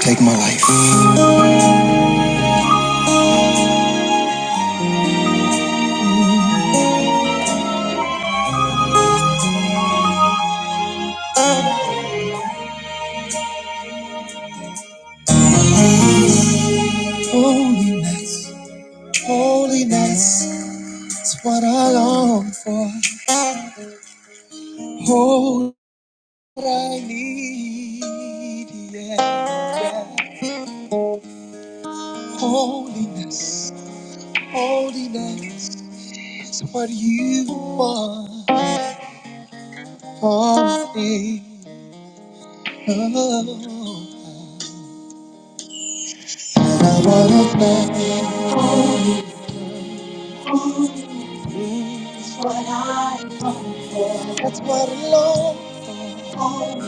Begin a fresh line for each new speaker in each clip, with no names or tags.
Take my life. Holiness, holiness is what I long for. Holy, what I need. Yeah, yeah. Holiness, holiness is what you want for me. Oh, and I wanna play. It's what I long for. That's what I long for.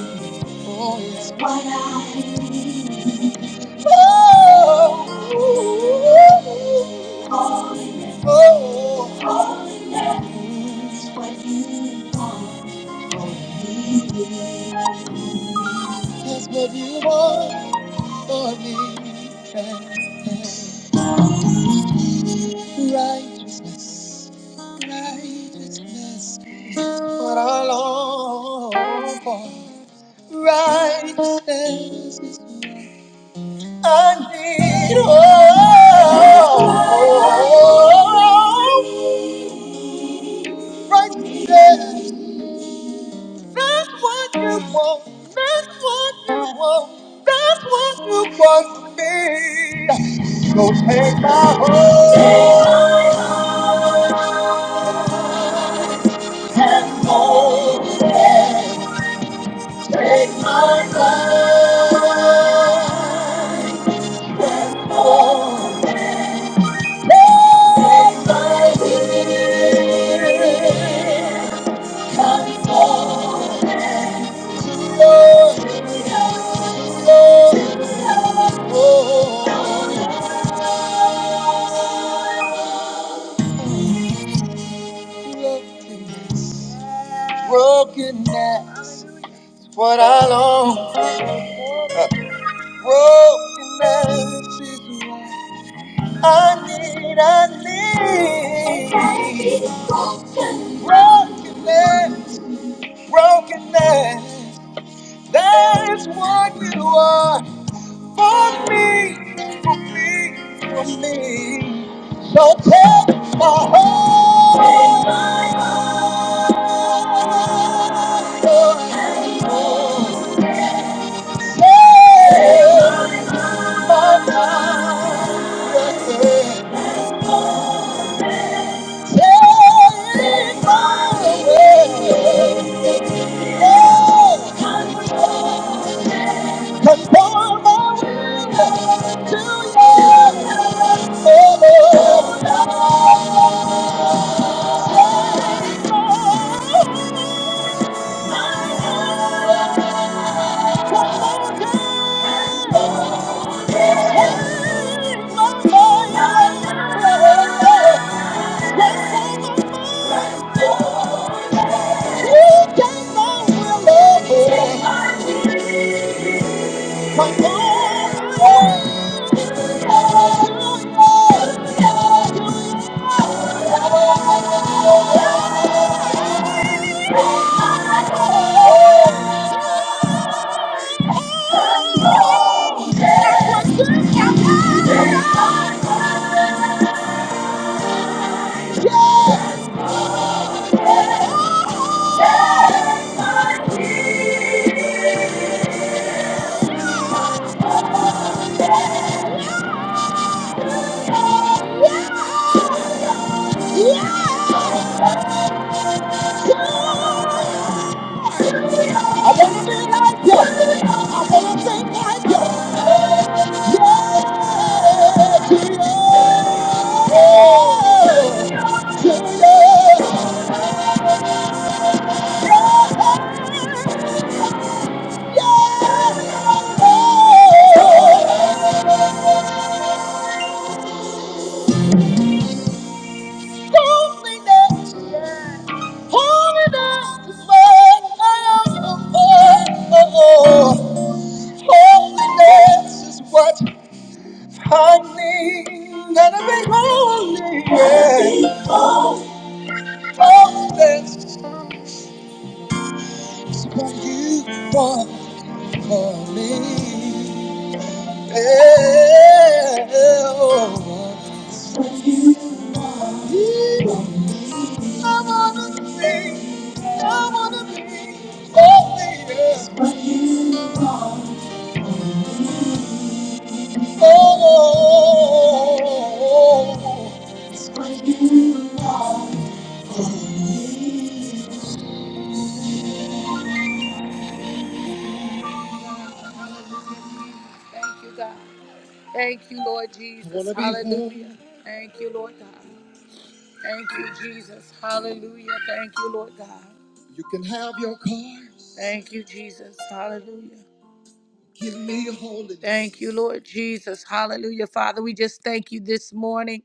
Oh, oh, it's what I need. Oh, oh, oh, holiness. It's what you want for me. That's what you want for me. Righteousness, righteousness, what I long for. Righteousness is what I need. Oh, righteousness, that's what you want. That's what you want. That's what you want from me. So take my heart. And mold and take my life. Oh, let my spirit Come forth, Lord, Lord, Lord. brokenness, Brokenness, what I long for. Brokenness is what I need, I need. Brokenness, brokenness. That is what you are for me, for me, for me. So take my heart. Take my heart. Take my way. Conform my will to yours, oh Lord. Yeah! I wanna be like you. I wanna think like you. Yeah, to you. Yeah, to you. Yeah. yeah, Loneliness. yeah, Pouring out the flood, I am oh, oh. Holiness is what I need. Gotta be holy, yeah. Holiness is what you want for me. Yeah. I wanna be, I wanna be holy, yeah. Oh, oh, oh, oh. Jesus. Hallelujah. Thank you, Lord God. Thank you, Jesus. Hallelujah. Thank you, Lord God. You can have your cars. Thank you, Jesus. Hallelujah. Give me holiness. Thank you, Lord Jesus. Hallelujah. Father, we just thank you this morning.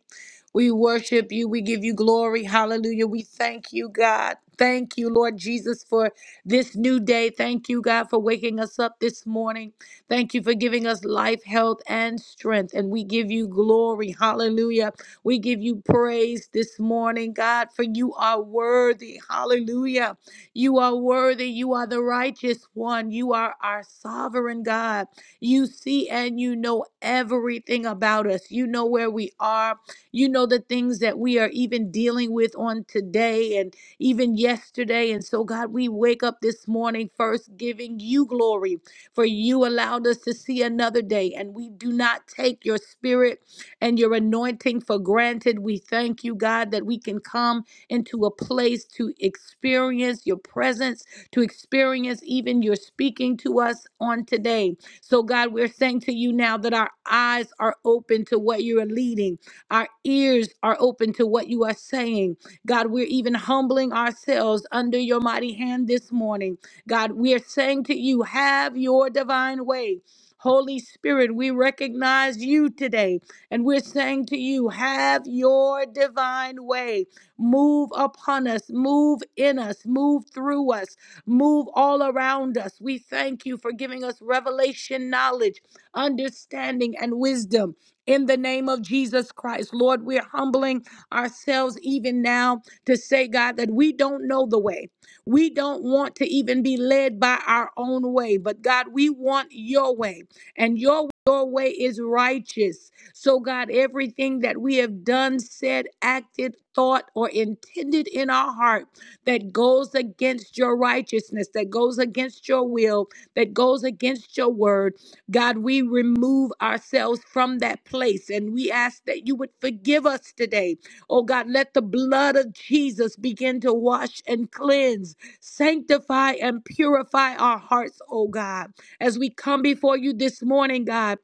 We worship you. We give you glory. Hallelujah. We thank you, God. Thank you, Lord Jesus, for this new day. Thank you, God, for waking us up this morning. Thank you for giving us life, health, and strength. And we give you glory. Hallelujah. We give you praise this morning, God, for you are worthy. Hallelujah. You are worthy. You are the righteous one. You are our sovereign God. You see and you know everything about us. You know where we are. You know the things that we are even dealing with on today and even yesterday. And so, God, we wake up this morning first giving you glory, for you allowed us to see another day. And we do not take your spirit and your anointing for granted. We thank you, God, that we can come into a place to experience your presence, to experience even your speaking to us on today. So, God, we're saying to you now that our eyes are open to what you are leading, our ears are open to what you are saying. God, we're even humbling ourselves under your mighty hand this morning. God, we are saying to you, have your divine way. Holy Spirit, we recognize you today, and we're saying to you, have your divine way. Move upon us, move in us, move through us, move all around us. We thank you for giving us revelation, knowledge, understanding, and wisdom. In the name of Jesus Christ, Lord, we're humbling ourselves even now to say, God, that we don't know the way. We don't want to even be led by our own way, but God, we want your way. And your, your way is righteous. So, God, everything that we have done, said, acted, thought, or intended in our heart that goes against your righteousness, that goes against your will, that goes against your word, God, we remove ourselves from that place and we ask that you would forgive us today. Oh, God, let the blood of Jesus begin to wash and cleanse, sanctify and purify our hearts, oh, God. As we come before you this morning, God,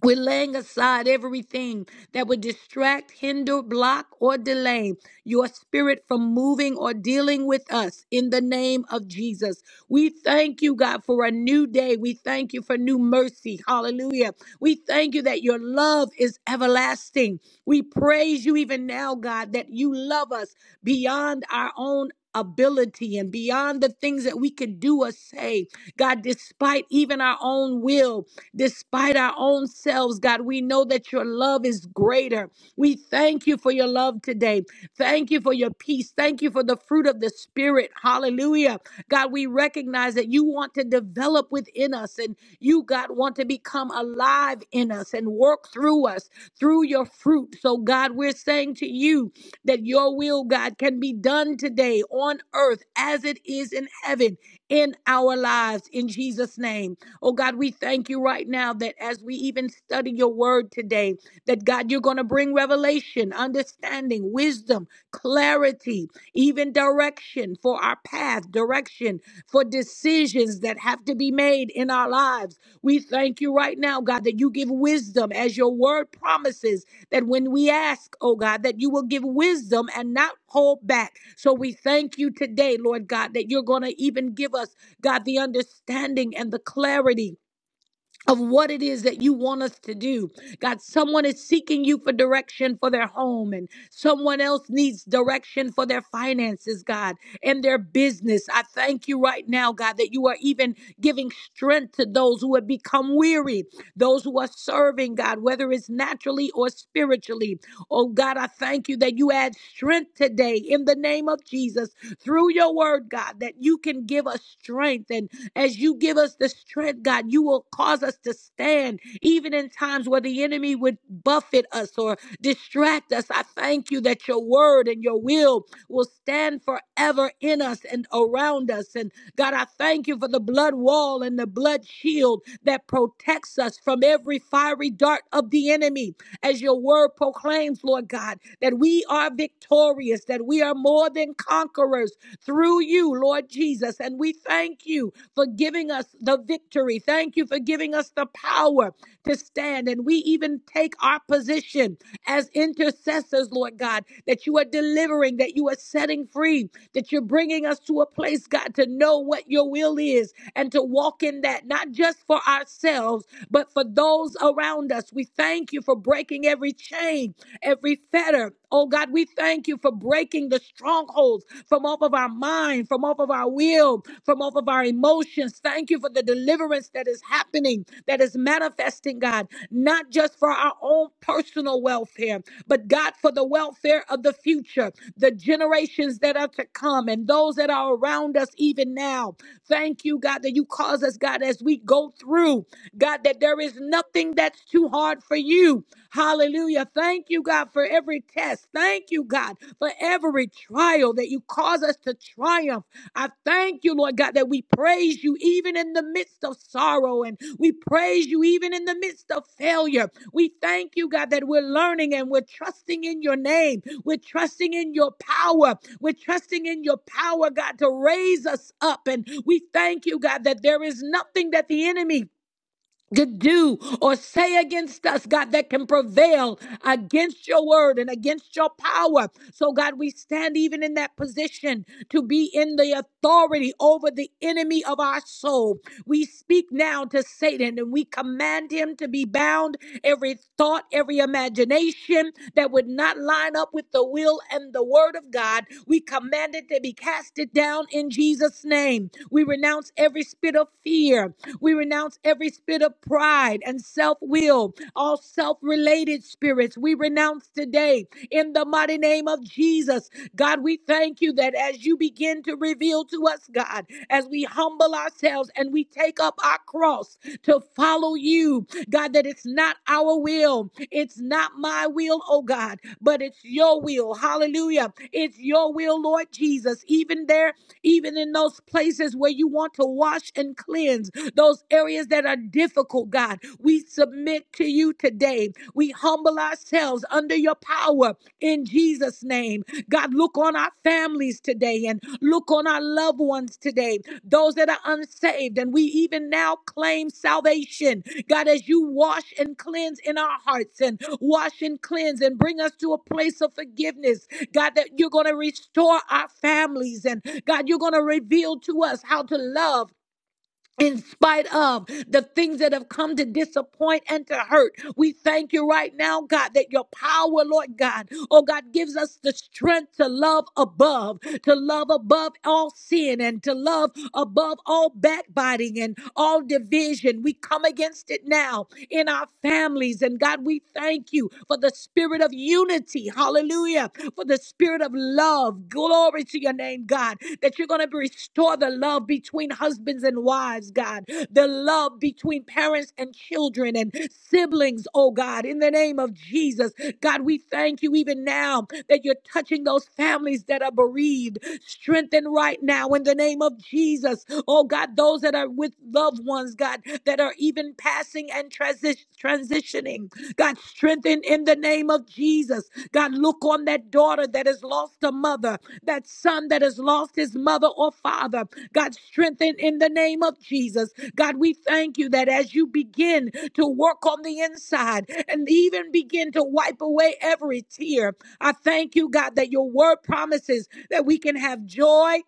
we're laying aside everything that would distract, hinder, block, or delay your spirit from moving or dealing with us in the name of Jesus. We thank you, God, for a new day. We thank you for new mercy. Hallelujah. We thank you that your love is everlasting. We praise you even now, God, that you love us beyond our own. Ability and beyond the things that we could do or say, God, despite even our own will, despite our own selves, God. We know that your love is greater. We thank you for your love today. Thank you for your peace. Thank you for the fruit of the Spirit. Hallelujah. God, we recognize that you want to develop within us and you, God, want to become alive in us and work through us through your fruit. So, God, we're saying to you that your will, God, can be done today on earth as it is in heaven in our lives in Jesus' name. Oh God, we thank you right now that as we even study your word today, that God, you're going to bring revelation, understanding, wisdom, clarity, even direction for our path, direction for decisions that have to be made in our lives. We thank you right now, God, that you give wisdom as your word promises that when we ask, oh God, that you will give wisdom and not hold back. So we thank you today, Lord God, that you're going to even give us God, the understanding and the clarity of what it is that you want us to do. God, someone is seeking you for direction for their home, and someone else needs direction for their finances, God, and their business. I thank you right now, God, that you are even giving strength to those who have become weary, those who are serving, God, whether it's naturally or spiritually. Oh, God, I thank you that you add strength today in the name of Jesus through your word, God, that you can give us strength and as you give us the strength, God, you will cause us to stand even in times where the enemy would buffet us or distract us. I thank you that your word and your will will stand forever in us and around us. And God, I thank you for the blood wall and the blood shield that protects us from every fiery dart of the enemy. As your word proclaims, Lord God, that we are victorious, that we are more than conquerors through you, Lord Jesus. And we thank you for giving us the victory. Thank you for giving us the power to stand. And we even take our position as intercessors, Lord God, that you are delivering, that you are setting free, that you're bringing us to a place, God, to know what your will is and to walk in that, not just for ourselves, but for those around us. We thank you for breaking every chain every fetter. Oh God, we thank you for breaking the strongholds from off of our mind, from off of our will, from off of our emotions. Thank you for the deliverance that is happening, that is manifesting, God, not just for our own personal welfare, but God, for the welfare of the future, the generations that are to come, and those that are around us even now. Thank you, God, that you cause us, God, as we go through, God, that there is nothing that's too hard for you. Hallelujah. Thank you, God, for every test. Thank you, God, for every trial that you cause us to triumph. I thank you, Lord God, that we praise you even in the midst of sorrow and we praise you even in the midst of failure. We thank you, God, that we're learning and we're trusting in your name. We're trusting in your power. We're trusting in your power, God, to raise us up. And we thank you, God, that there is nothing that the enemy to do or say against us, God, that can prevail against your word and against your power. So, God, we stand even in that position to be in the authority over the enemy of our soul. We speak now to Satan and we command him to be bound every thought, every imagination that would not line up with the will and the word of God. We command it to be casted down in Jesus' name. We renounce every spirit of fear we renounce every spirit of pride and self will, all self related spirits. We renounce today in the mighty name of Jesus. God, we thank you that as you begin to reveal to us, God, as we humble ourselves and we take up our cross to follow you, God, that it's not our will, it's not my will, oh God, but it's your will. Hallelujah. It's your will, Lord Jesus. Even there, even in those places where you want to wash and cleanse those areas that are difficult, God. We submit to you today. We humble ourselves under your power in Jesus' name. God, look on our families today and look on our loved ones today, those that are unsaved. And we even now claim salvation. God, as you wash and cleanse in our hearts and wash and cleanse and bring us to a place of forgiveness, God, that you're going to restore our families and God, you're going to reveal to us how to love in spite of the things that have come to disappoint and to hurt. We thank you right now, God, that your power, Lord God, oh God, gives us the strength to love above, to love above all sin and to love above all backbiting and all division. We come against it now in our families. And God, we thank you for the spirit of unity. Hallelujah. For the spirit of love. Glory to your name, God, that you're going to restore the love between husbands and wives, God, the love between parents and children and siblings siblings, oh God, in the name of Jesus. God, we thank you even now that you're touching those families that are bereaved. Strengthen right now in the name of Jesus. Oh God, those that are with loved ones, God, that are even passing and transi- transitioning. God, strengthen in the name of Jesus. God, look on that daughter that has lost a mother, that son that has lost his mother or father. God, strengthen in the name of Jesus. God, we thank you that as you begin to work on the inside and even begin to wipe away every tear. I thank you, God, that your word promises that we can have joy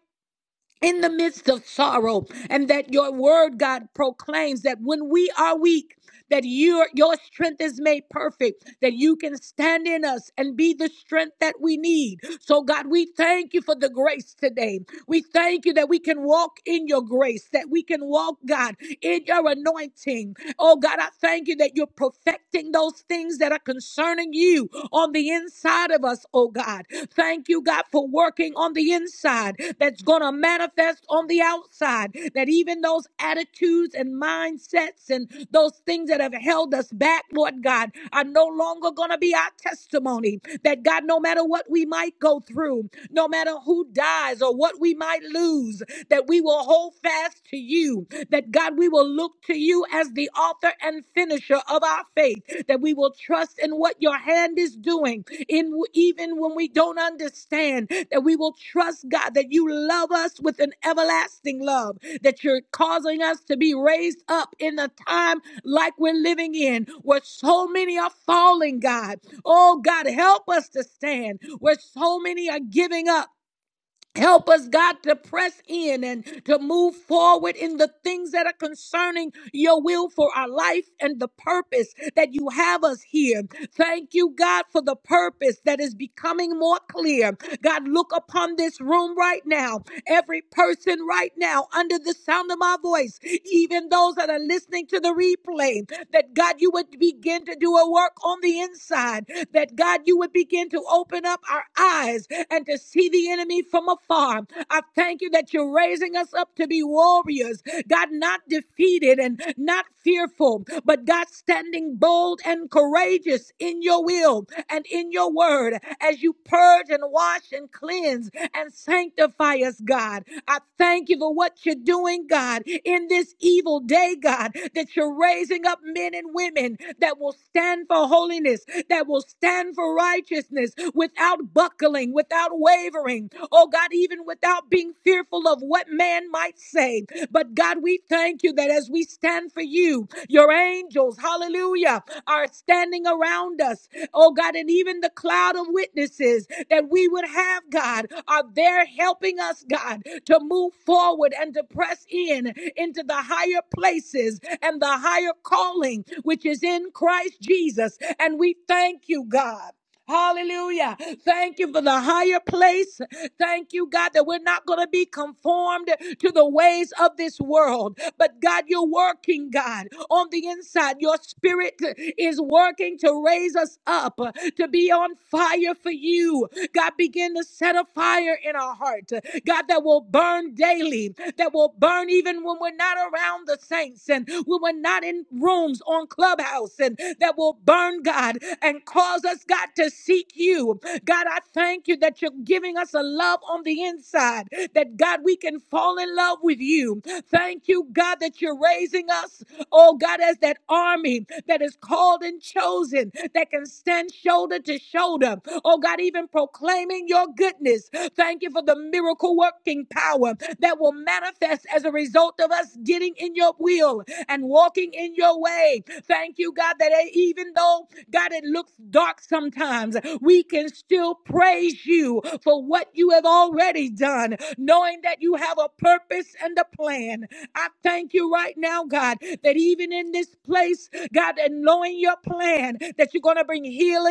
in the midst of sorrow and that your word god proclaims that when we are weak that your your strength is made perfect that you can stand in us and be the strength that we need so god we thank you for the grace today we thank you that we can walk in your grace that we can walk god in your anointing oh god i thank you that you're perfecting those things that are concerning you on the inside of us oh god Thank you, God, for working on the inside that's going to manifest on the outside. That even those attitudes and mindsets and those things that have held us back, Lord God, are no longer going to be our testimony. That God, no matter what we might go through, no matter who dies or what we might lose, that we will hold fast to you. That God, we will look to you as the author and finisher of our faith. That we will trust in what your hand is doing in even when we don't understand that we will trust God that you love us with an everlasting love that you're causing us to be raised up in a time like we're living in where so many are falling God oh God help us to stand where so many are giving up Help us, God, to press in and to move forward in the things that are concerning your will for our life and the purpose that you have us here. Thank you, God, for the purpose that is becoming more clear. God, look upon this room right now, every person right now under the sound of my voice even those that are listening to the replay, that God, you would begin to do a work on the inside, that God, you would begin to open up our eyes and to see the enemy from afar. I thank you that you're raising us up to be warriors, God, not defeated and not fearful, but God, standing bold and courageous in your will and in your word as you purge and wash and cleanse and sanctify us, God. I thank you for what you're doing, God, in this evil day, God, that you're raising up men and women that will stand for holiness, that will stand for righteousness without buckling, without wavering, oh God, even without being fearful of what man might say. But God, we thank you that as we stand for you, your angels, hallelujah, are standing around us oh God, and even the cloud of witnesses that we would have, God, are there helping us, God, to move forward and to press in into the higher places and the higher calling which is in Christ Jesus. And we thank you, God. Hallelujah. Thank you for the higher place. Thank you, God, that we're not going to be conformed to the ways of this world. But God, you're working, God, on the inside. Your spirit is working to raise us up, to be on fire for you. God, begin to set a fire in our heart, God, that will burn daily, that will burn even when we're not around the saints meetings and we were not in rooms on Clubhouse and that will burn, God, and cause us, God, to seek you. God, I thank you that you're giving us a love on the inside, that God, we can fall in love with you. Thank you, God, that you're raising us, oh God, as that army that is called and chosen, that can stand shoulder to shoulder, oh God, even proclaiming your goodness Thank you for the miracle working power that will manifest as a result of us getting in your will and walking in your way. Thank you, God, that e- even though, God, it looks dark sometimes, we can still praise you for what you have already done, knowing that you have a purpose and a plan. I thank you right now, God, that even in this place, God, and knowing your plan, that you're going to bring healing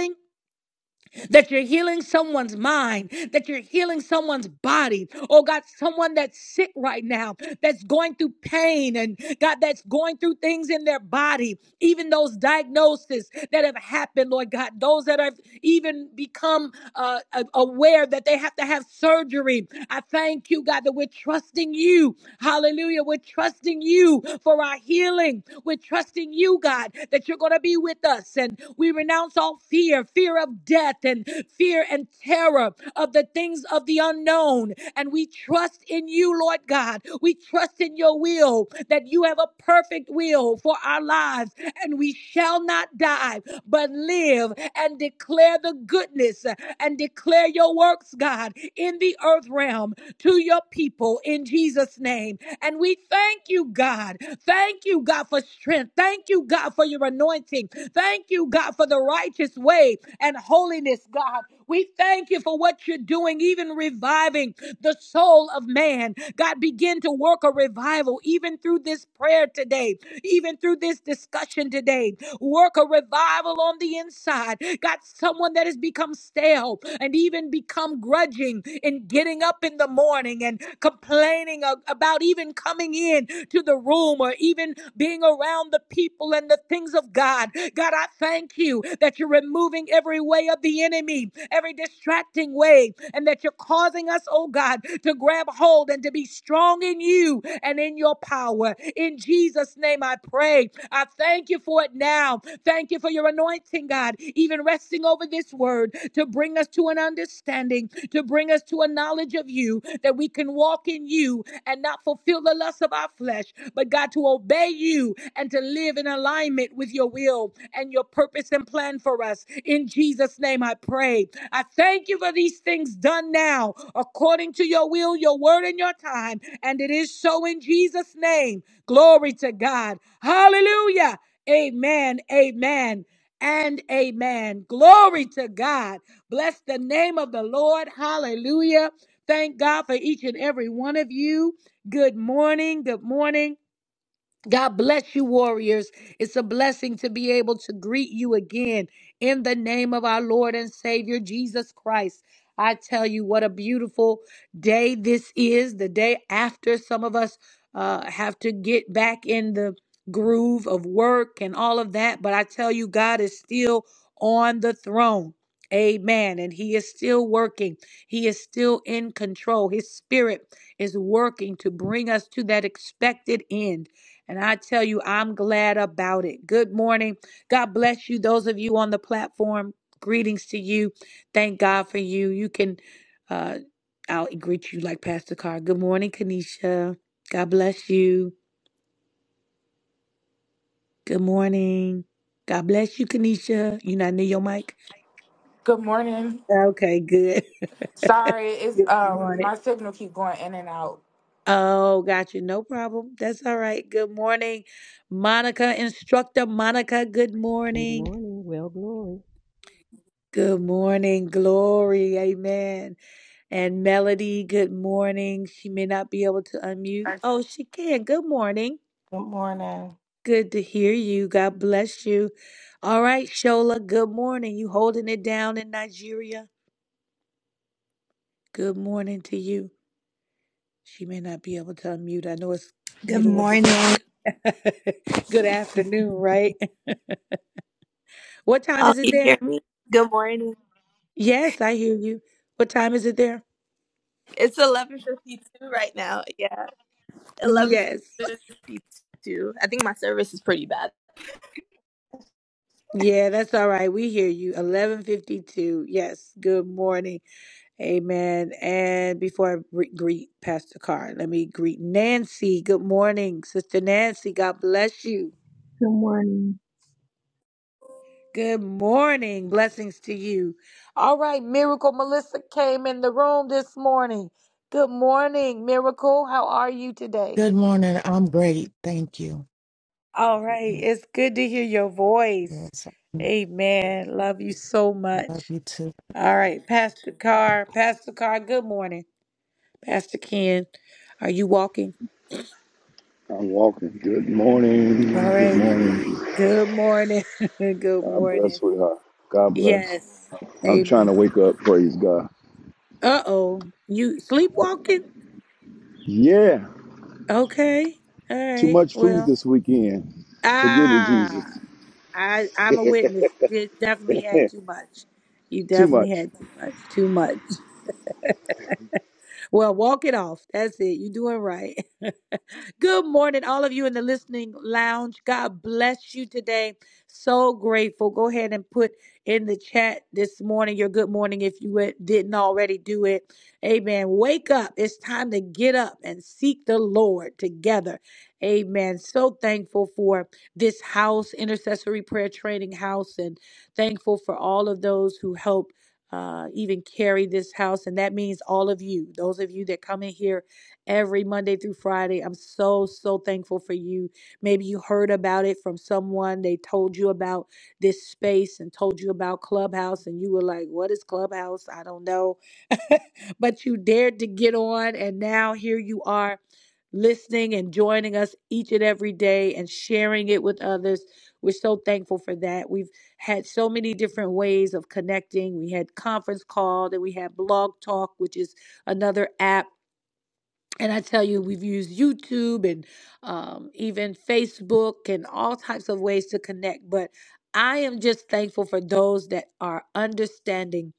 that you're healing someone's mind, that you're healing someone's body. Oh God, someone that's sick right now, that's going through pain and God, that's going through things in their body, even those diagnoses that have happened, Lord God, those that have even become uh, aware that they have to have surgery. I thank you, God, that we're trusting you Hallelujah. We're trusting you for our healing. We're trusting you, God, that you're going to be with us. And we renounce all fear, fear of death and fear and terror of the things of the unknown. And we trust in you, Lord God. We trust in your will that you have a perfect will for our lives. And we shall not die, but live and declare the goodness and declare your works, God, in the earth realm to your people in Jesus' name. And we thank you, God. Thank you, God, for strength. Thank you, God, for your anointing. Thank you, God, for the righteous way and holiness, God. We thank you for what you're doing, even reviving the soul of man. God, begin to work a revival even through this prayer today, even through this discussion today. Work a revival on the inside. God, someone that has become stale, and even become grudging in getting up in the morning and complaining about even coming in to the room or even being around the people and the things of God. God, I thank you that you're removing every way of the enemy, every distracting way, and that you're causing us, oh God, to grab hold and to be strong in you and in your power. In Jesus' name I pray. I thank you for it now. Thank you for your anointing, God, even resting over this word to bring us to an understanding, to bring us to a knowledge of you, that we can walk in you and not fulfill the lust of our flesh, but God, to obey you and to live in alignment with your will and your purpose and plan for us. In Jesus' name, I pray. I thank you for these things done now, according to your will, your word, and your time. And it is so in Jesus' name. Glory to God. Hallelujah. Amen. Amen. And amen. Glory to God. Bless the name of the Lord. Hallelujah. Thank God for each and every one of you. Good morning. Good morning. God bless you, warriors. It's a blessing to be able to greet you again in the name of our Lord and Savior Jesus Christ. I tell you, what a beautiful day this is. The day after some of us uh, have to get back in the groove of work and all of that. But I tell you, God is still on the throne. Amen. And He is still working, He is still in control. His Spirit is working to bring us to that expected end. And I tell you, I'm glad about it. Good morning. God bless you. Those of you on the platform, greetings to you. Thank God for you. You can, uh, I'll greet you like Pastor Carr. Good morning, Kanisha. God bless you. Good morning. God bless you, Kanisha. You not near your mic?
Good morning.
Okay, good.
Sorry, it's
good
um
morning.
my signal keep going in and out.
Oh, gotcha. No problem. That's all right. Good morning, Monica, instructor Monica. Good
Good
morning.
morning. Well, glory.
Good morning, Glory. Amen. And Melody, good morning. She may not be able to unmute.
Good
Oh, she can. Good morning.
morning.
Good to hear you. God bless you. All right, Shola, good morning. You holding it down in Nigeria? Good morning to you. She may not be able to unmute. I know it's
Good
middle of the
morning.
day. good afternoon, right? What time
Oh, can
is it
you hear
there?
me? Good morning.
Yes, I hear you. What time is it there?
It's eleven fifty two right now. Yeah, eleven
Yes.
fifty two. I think my service is pretty bad.
Yeah, that's all right. We hear you. 1152. Yes. Good morning. Amen. And before I re- greet Pastor Carr, let me greet Nancy. Good morning, Sister Nancy. God bless you.
someone
Good morning. Blessings to you. All right. Miracle Melissa came in the room this morning. Good morning, Miracle. How are you today?
Good morning. I'm great. Thank you.
All right. It's good to hear your voice.
Yes,
Amen. Love you so
I love
much.
you too.
All right, Pastor Carr, Pastor Carr, good morning. Pastor Ken, are you walking?
I'm walking. Good
All
morning. Good
right,
morning.
good morning. good
God
morning.
bless, with her. God bless.
Yes,
I'm trying to
amen.
wake up. Praise God.
Uh oh, you sleepwalking?
Yeah.
Okay, all
Too
right,
much food
well,
this weekend. Forgive me,
ah,
Jesus.
I, I'm a witness. You did- definitely had too much. You
Too
definitely
much.
had too much, too much. Well, walk it off. That's it. You're doing right. Good morning, all of you in the listening lounge. God bless you today. So grateful. Go ahead and put in the chat this morning your good morning if you didn't already do it. Amen. Wake up. It's time to get up and seek the Lord together. Amen. So thankful for this house, Intercessory Prayer Training House, and thankful for all of those who help uh, even carry this house. And that means all of you, those of you that come in here every Monday through Friday. I'm so, so thankful for you. Maybe you heard about it from someone. They told you about this space and told you about Clubhouse, and you were like, What is Clubhouse? I don't know. but you dared to get on, and now here you are listening and joining us each and every day and sharing it with others. We're so thankful for that. We've had so many different ways of connecting. We had conference call, then we had blog talk, which is another app and I tell you, we've used YouTube and um, even Facebook and all types of ways to connect. But I am just thankful for those that are understanding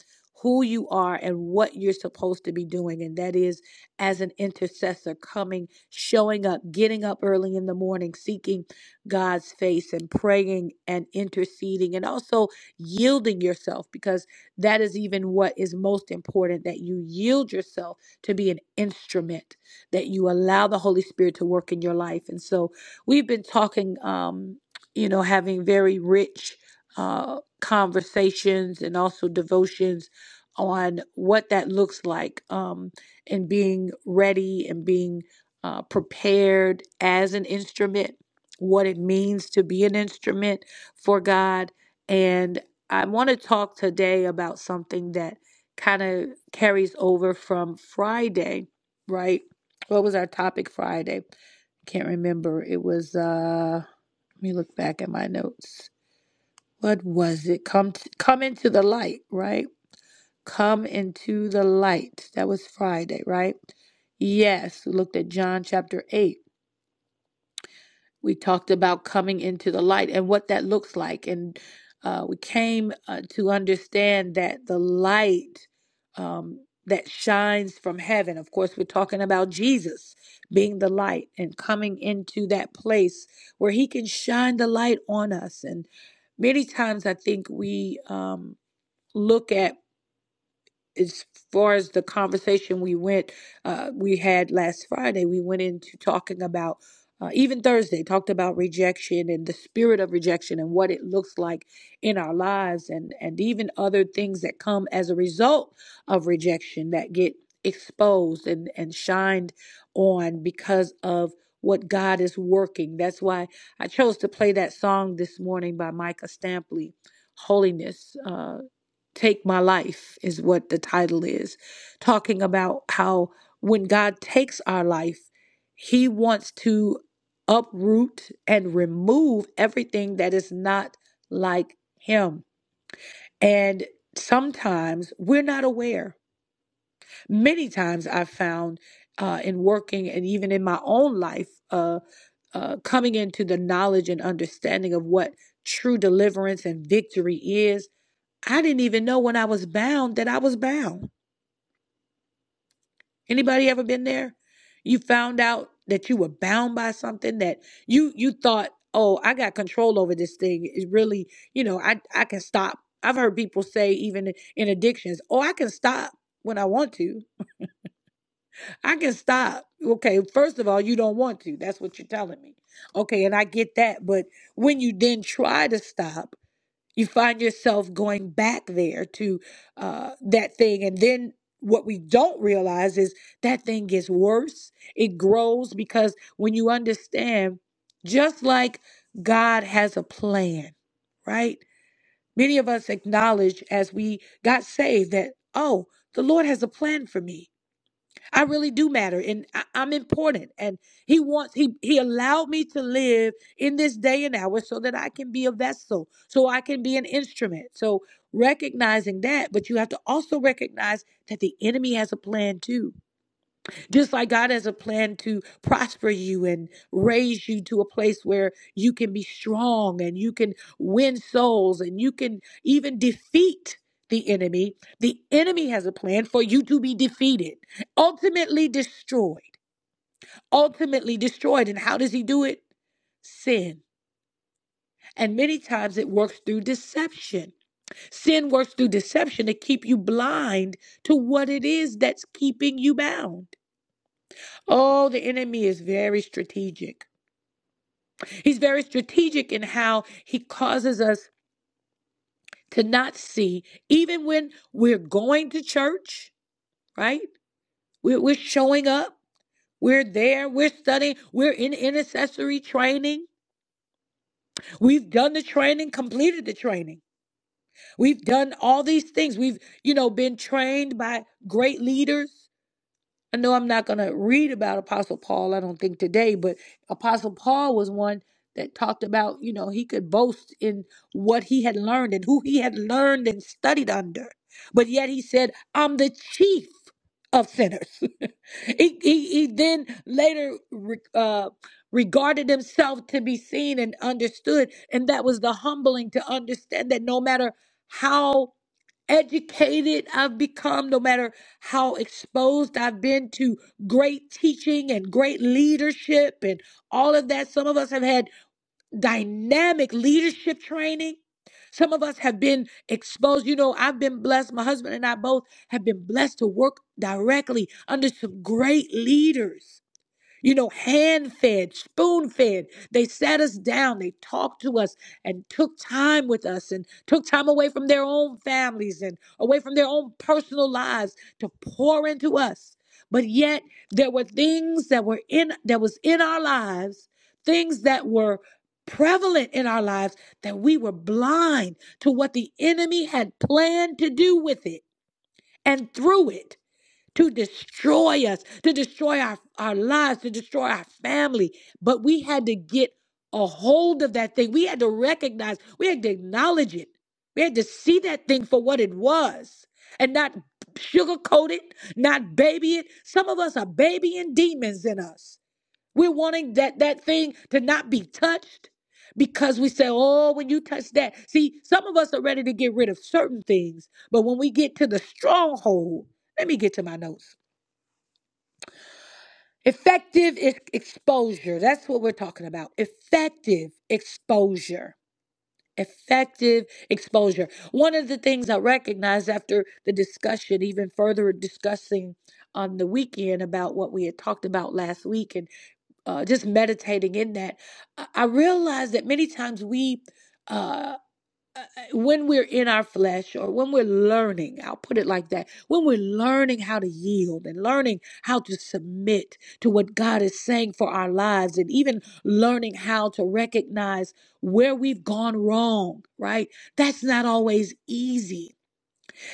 who you are and what you're supposed to be doing. And that is as an intercessor, coming, showing up, getting up early in the morning, seeking God's face and praying and interceding, and also yielding yourself, because that is even what is most important that you yield yourself to be an instrument that you allow the Holy Spirit to work in your life. And so we've been talking, um, you know, having very rich uh, conversations and also devotions on what that looks like um, and being ready and being uh, prepared as an instrument, what it means to be an instrument for God. And I want to talk today about something that kind of carries over from Friday, right? What was our topic Friday? Can't remember. It was uh let me look back at my notes. What was it? Come t come into the light, right? Come into the light. That was Friday, right? Yes, we looked at John chapter 8. We talked about coming into the light and what that looks like. And uh, we came uh, to understand that the light um, that shines from heaven, of course, we're talking about Jesus being the light and coming into that place where he can shine the light on us. And many times I think we um, look at as far as the conversation we went, uh, we had last Friday, we went into talking about, uh, even Thursday, talked about rejection and the spirit of rejection and what it looks like in our lives and, and even other things that come as a result of rejection that get exposed and, and shined on because of what God is working. That's why I chose to play that song this morning by Micah Stampley, Holiness. Uh, Take My Life is what the title is, talking about how when God takes our life, He wants to uproot and remove everything that is not like Him. And sometimes we're not aware. Many times I've found uh, in working and even in my own life, uh, uh, coming into the knowledge and understanding of what true deliverance and victory is I didn't even know when I was bound that I was bound. Anybody ever been there? You found out that you were bound by something that you you thought, "Oh, I got control over this thing." It really, you know, I I can stop. I've heard people say even in addictions, "Oh, I can stop when I want to. I can stop." Okay, first of all, you don't want to. That's what you're telling me. Okay, and I get that, but when you then try to stop, you find yourself going back there to uh, that thing and then what we don't realize is that thing gets worse it grows because when you understand just like god has a plan right many of us acknowledge as we got saved that oh the lord has a plan for me I really do matter and I, I'm important. And he wants, he, he allowed me to live in this day and hour so that I can be a vessel, so I can be an instrument. So recognizing that, but you have to also recognize that the enemy has a plan too just like God has a plan to prosper you and raise you to a place where you can be strong and you can win souls and you can even defeat the enemy. The enemy has a plan for you to be defeated, ultimately destroyed. Ultimately destroyed. And how does he do it? Sin. And many times it works through deception. Sin works through deception to keep you blind to what it is that's keeping you bound. Oh, the enemy is very strategic. He's very strategic in how he causes us to not see, even when we're going to church, right? We're, we're showing up. We're there. We're studying. We're in intercessory training. We've done the training, completed the training. We've done all these things. We've, you know, been trained by great leaders. I know I'm not going to read about Apostle Paul, I don't think today, but Apostle Paul was one that talked about, you know, he could boast in what he had learned and who he had learned and studied under. But yet he said, I'm the chief of sinners. he, he, he then later re- uh, regarded himself to be seen and understood. And that was the humbling to understand that no matter how educated I've become, no matter how exposed I've been to great teaching and great leadership and all of that. Some of us have had dynamic leadership training. Some of us have been exposed. You know, I've been blessed. My husband and I both have been blessed to work directly under some great leaders you know, hand fed, spoon fed. They sat us down, they talked to us and took time with us and took time away from their own families and away from their own personal lives to pour into us. But yet there were things that were in that was in our lives, things that were prevalent in our lives that we were blind to what the enemy had planned to do with it and through it to destroy us, to destroy our, our lives, to destroy our family. But we had to get a hold of that thing. We had to recognize, we had to acknowledge it. We had to see that thing for what it was and not sugarcoat it, not baby it. Some of us are babying demons in us. We're wanting that, that thing to not be touched because we say, oh, when you touch that. See, some of us are ready to get rid of certain things, but when we get to the stronghold, let me get to my notes. Effective is exposure. That's what we're talking about. Effective exposure. Effective exposure. One of the things I recognized after the discussion, even further discussing on the weekend about what we had talked about last week and uh, just meditating in that, I I realized that many times we. uh, when we're in our flesh or when we're learning, I'll put it like that, when we're learning how to yield and learning how to submit to what God is saying for our lives and even learning how to recognize where we've gone wrong, right? That's not always easy.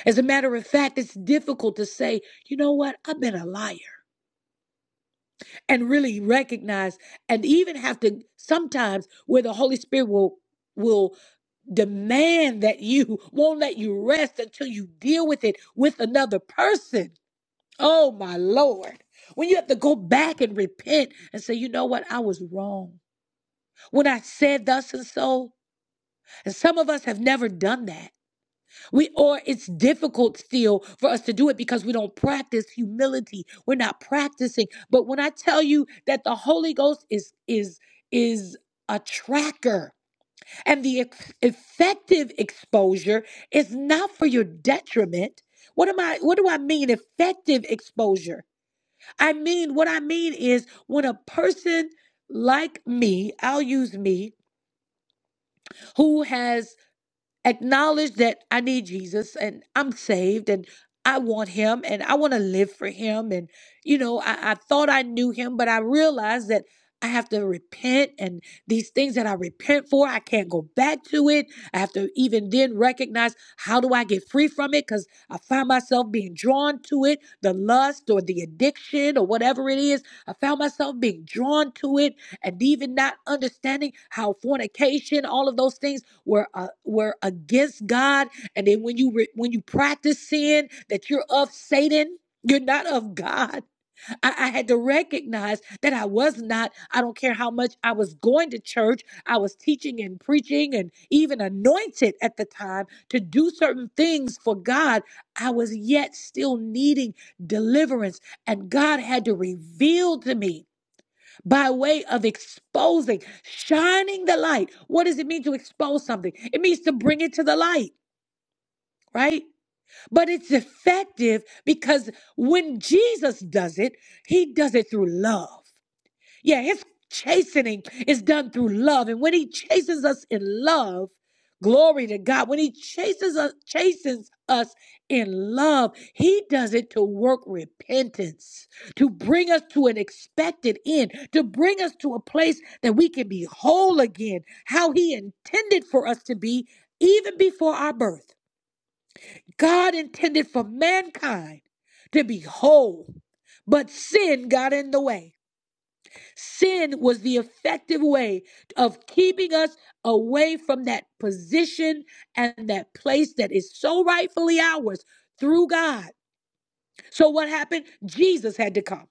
As a matter of fact, it's difficult to say, you know what, I've been a liar and really recognize and even have to sometimes where the Holy Spirit will. will demand that you won't let you rest until you deal with it with another person. Oh, my Lord. When you have to go back and repent and say, you know what, I was wrong. When I said thus and so, and some of us have never done that. We or it's difficult still for us to do it because we don't practice humility. We're not practicing. But when I tell you that the Holy Ghost is is is a tracker, and the ex- effective exposure is not for your detriment. What am I what do I mean effective exposure? I mean what I mean is when a person like me, I'll use me, who has acknowledge that I need Jesus and I'm saved and I want him and I want to live for him. And, you know, I, I thought I knew him, but I realized that I have to repent and these things that I repent for, I can't go back to it. I have to even then recognize how do I get free from it because I find myself being drawn to it, the lust or the addiction or whatever it is. I found myself being drawn to it and even not understanding how fornication, all of those things were uh, were against God, and then when you re- when you practice sin, that you're of Satan. You're not of God. I, I had to recognize that I was not. I don't care how much I was going to church. I was teaching and preaching and even anointed at the time to do certain things for God. I was yet still needing deliverance. And God had to reveal to me by way of exposing, shining the light. What does it mean to expose something? It means to bring it to the light, right? But it's effective because when Jesus does it, he does it through love. Yeah, his chastening is done through love. And when he chastens us in love, glory to God, when he chastens us, chastens us in love, he does it to work repentance, to bring us to an expected end, to bring us to a place that we can be whole again, how he intended for us to be even before our birth. God intended for mankind to be whole, but sin got in the way. Sin was the effective way of keeping us away from that position and that place that is so rightfully ours through God. So, what happened? Jesus had to come.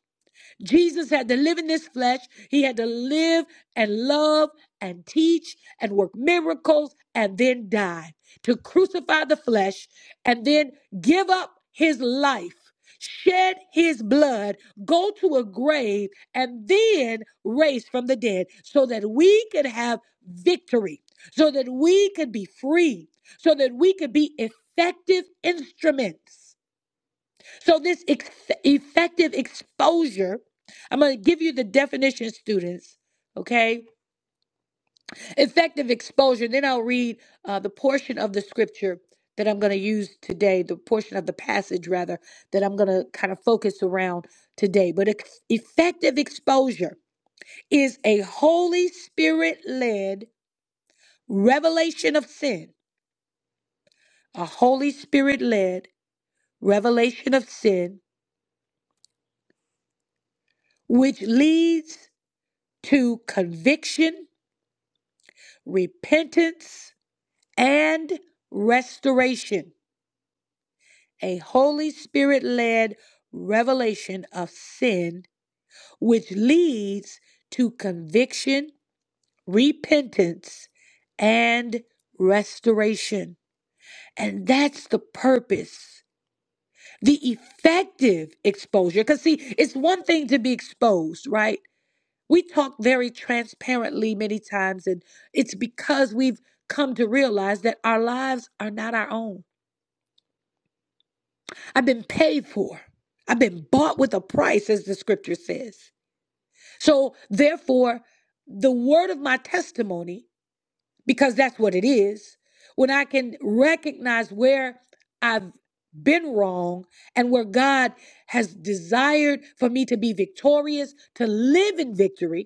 Jesus had to live in this flesh. He had to live and love and teach and work miracles and then die to crucify the flesh and then give up his life, shed his blood, go to a grave, and then raise from the dead so that we could have victory, so that we could be free, so that we could be effective instruments so, this ex- effective exposure, I'm going to give you the definition, students. Okay. Effective exposure. Then I'll read uh, the portion of the scripture that I'm going to use today, the portion of the passage, rather, that I'm going to kind of focus around today. But ex- effective exposure is a Holy Spirit led revelation of sin, a Holy Spirit led revelation of sin, which leads to conviction repentance and restoration, a Holy Spirit led revelation of sin, which leads to conviction, repentance, and restoration. And that's the purpose. The effective exposure. Because, see, it's one thing to be exposed, right? We talk very transparently many times, and it's because we've come to realize that our lives are not our own. I've been paid for, I've been bought with a price, as the scripture says. So, therefore, the word of my testimony, because that's what it is, when I can recognize where I've been wrong and where God has desired for me to be victorious, to live in victory,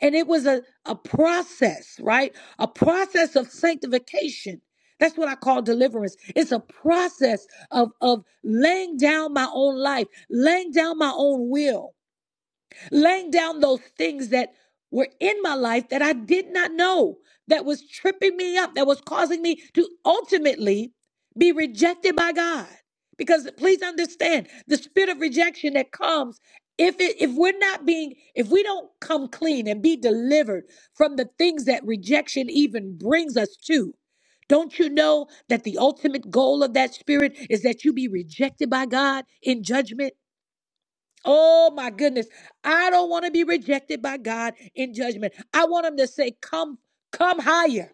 And it was a, a process, right? A process of sanctification. That's what I call deliverance. It's a process of, of laying down my own life, laying down my own will laying down those things that were in my life that I did not know, that was tripping me up, that was causing me to ultimately be rejected by God. Because please understand the spirit of rejection that comes if it, if we're not being if we don't come clean and be delivered from the things that rejection even brings us to. Don't you know that the ultimate goal of that spirit is that you be rejected by God in judgment? Oh my goodness. I don't want to be rejected by God in judgment. I want him to say, Come, come higher.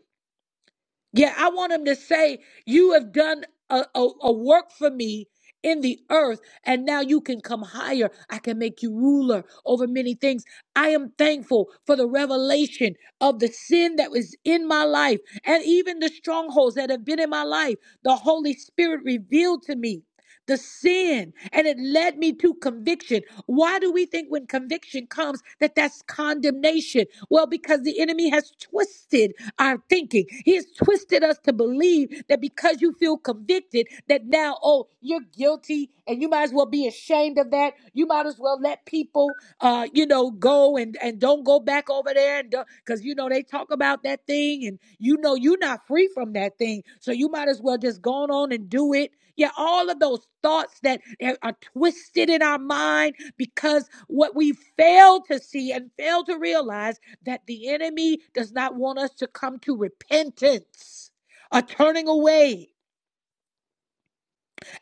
Yeah, I want him to say, You have done a, a, a work for me in the earth, and now you can come higher. I can make you ruler over many things. I am thankful for the revelation of the sin that was in my life and even the strongholds that have been in my life. The Holy Spirit revealed to me the sin, and it led me to conviction. Why do we think when conviction comes that that's condemnation? Well, because the enemy has twisted our thinking. He has twisted us to believe that because you feel convicted, that now, oh, you're guilty and you might as well be ashamed of that. You might as well let people, uh, you know, go and, and don't go back over there and because, you know, they talk about that thing and you know you're not free from that thing. So you might as well just go on and do it yeah, all of those thoughts that are are twisted in our mind because what we fail to see and fail to realize that the enemy does not want us to come to repentance, a turning away.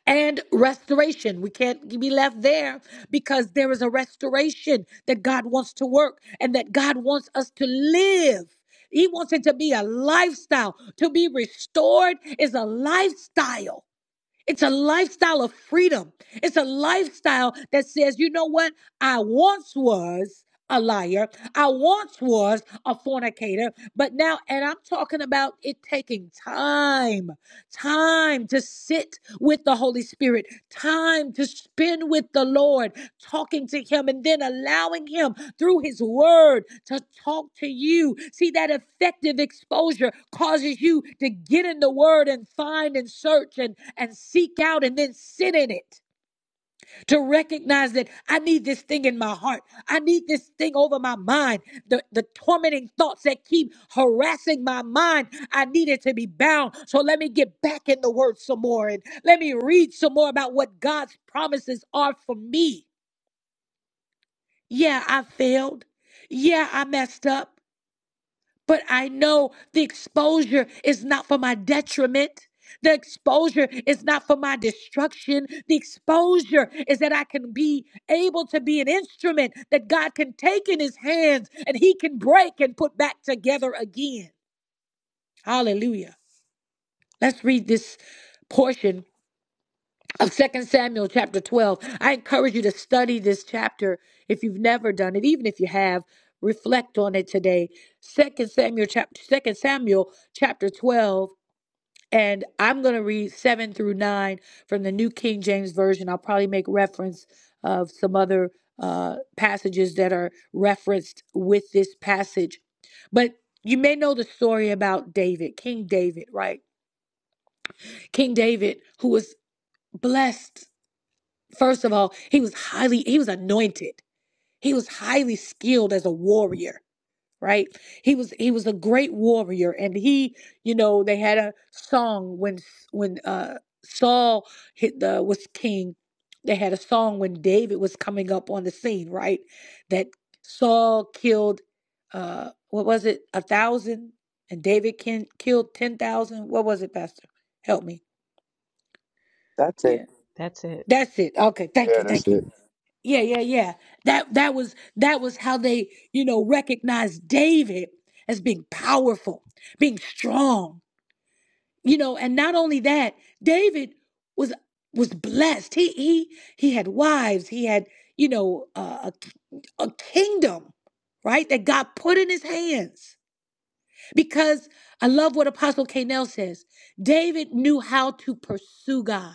And restoration. We can't be left there because there is a restoration that God wants to work and that God wants us to live. He wants it to be a lifestyle. To be restored is a lifestyle. It's a lifestyle of freedom. It's a lifestyle that says, you know what? I once was a liar. I once was a fornicator, but now, and I'm talking about it taking time, time to sit with the Holy Spirit, time to spend with the Lord, talking to Him, and then allowing Him through his word to talk to you. See, that effective exposure causes you to get in the word and find and search and, and seek out and then sit in it to recognize that I need this thing in my heart. I need this thing over my mind. The, the tormenting thoughts that keep harassing my mind, I need it to be bound. So let me get back in the word some more and let me read some more about what God's promises are for me. Yeah, I failed. Yeah, I messed up. But I know the exposure is not for my detriment. The exposure is not for my destruction. The exposure is that I can be able to be an instrument that God can take in his hands and he can break and put back together again. Hallelujah. Let's read this portion of Second Samuel chapter 12. I encourage you to study this chapter if you've never done it, even if you have, reflect on it today. Second Samuel chapter Second Samuel chapter 12 and I'm going to read 7 through 9 from the New King James version. I'll probably make reference of some other uh, passages that are referenced with this passage. But you may know the story about David, King David, right? King David who was blessed First of all, he was highly he was anointed. He was highly skilled as a warrior, right? He was he was a great warrior and he, you know, they had a song when when uh Saul hit the was king. They had a song when David was coming up on the scene, right? That Saul killed uh what was it? A thousand and David can, killed 10,000. What was it, pastor? Help me.
That's it.
Yeah.
That's it.
That's it. Okay, thank
Yeah,
you.
that's
Thank you.
it.
Yeah, yeah, yeah. That that was that was how they, you know, recognized David as being powerful, being strong. You know, and not only that, David was was blessed. He he he had wives, he had, you know, uh, a, a kingdom, right? That God put in his hands. Because I love what Apostle Canel says. David knew how to pursue God.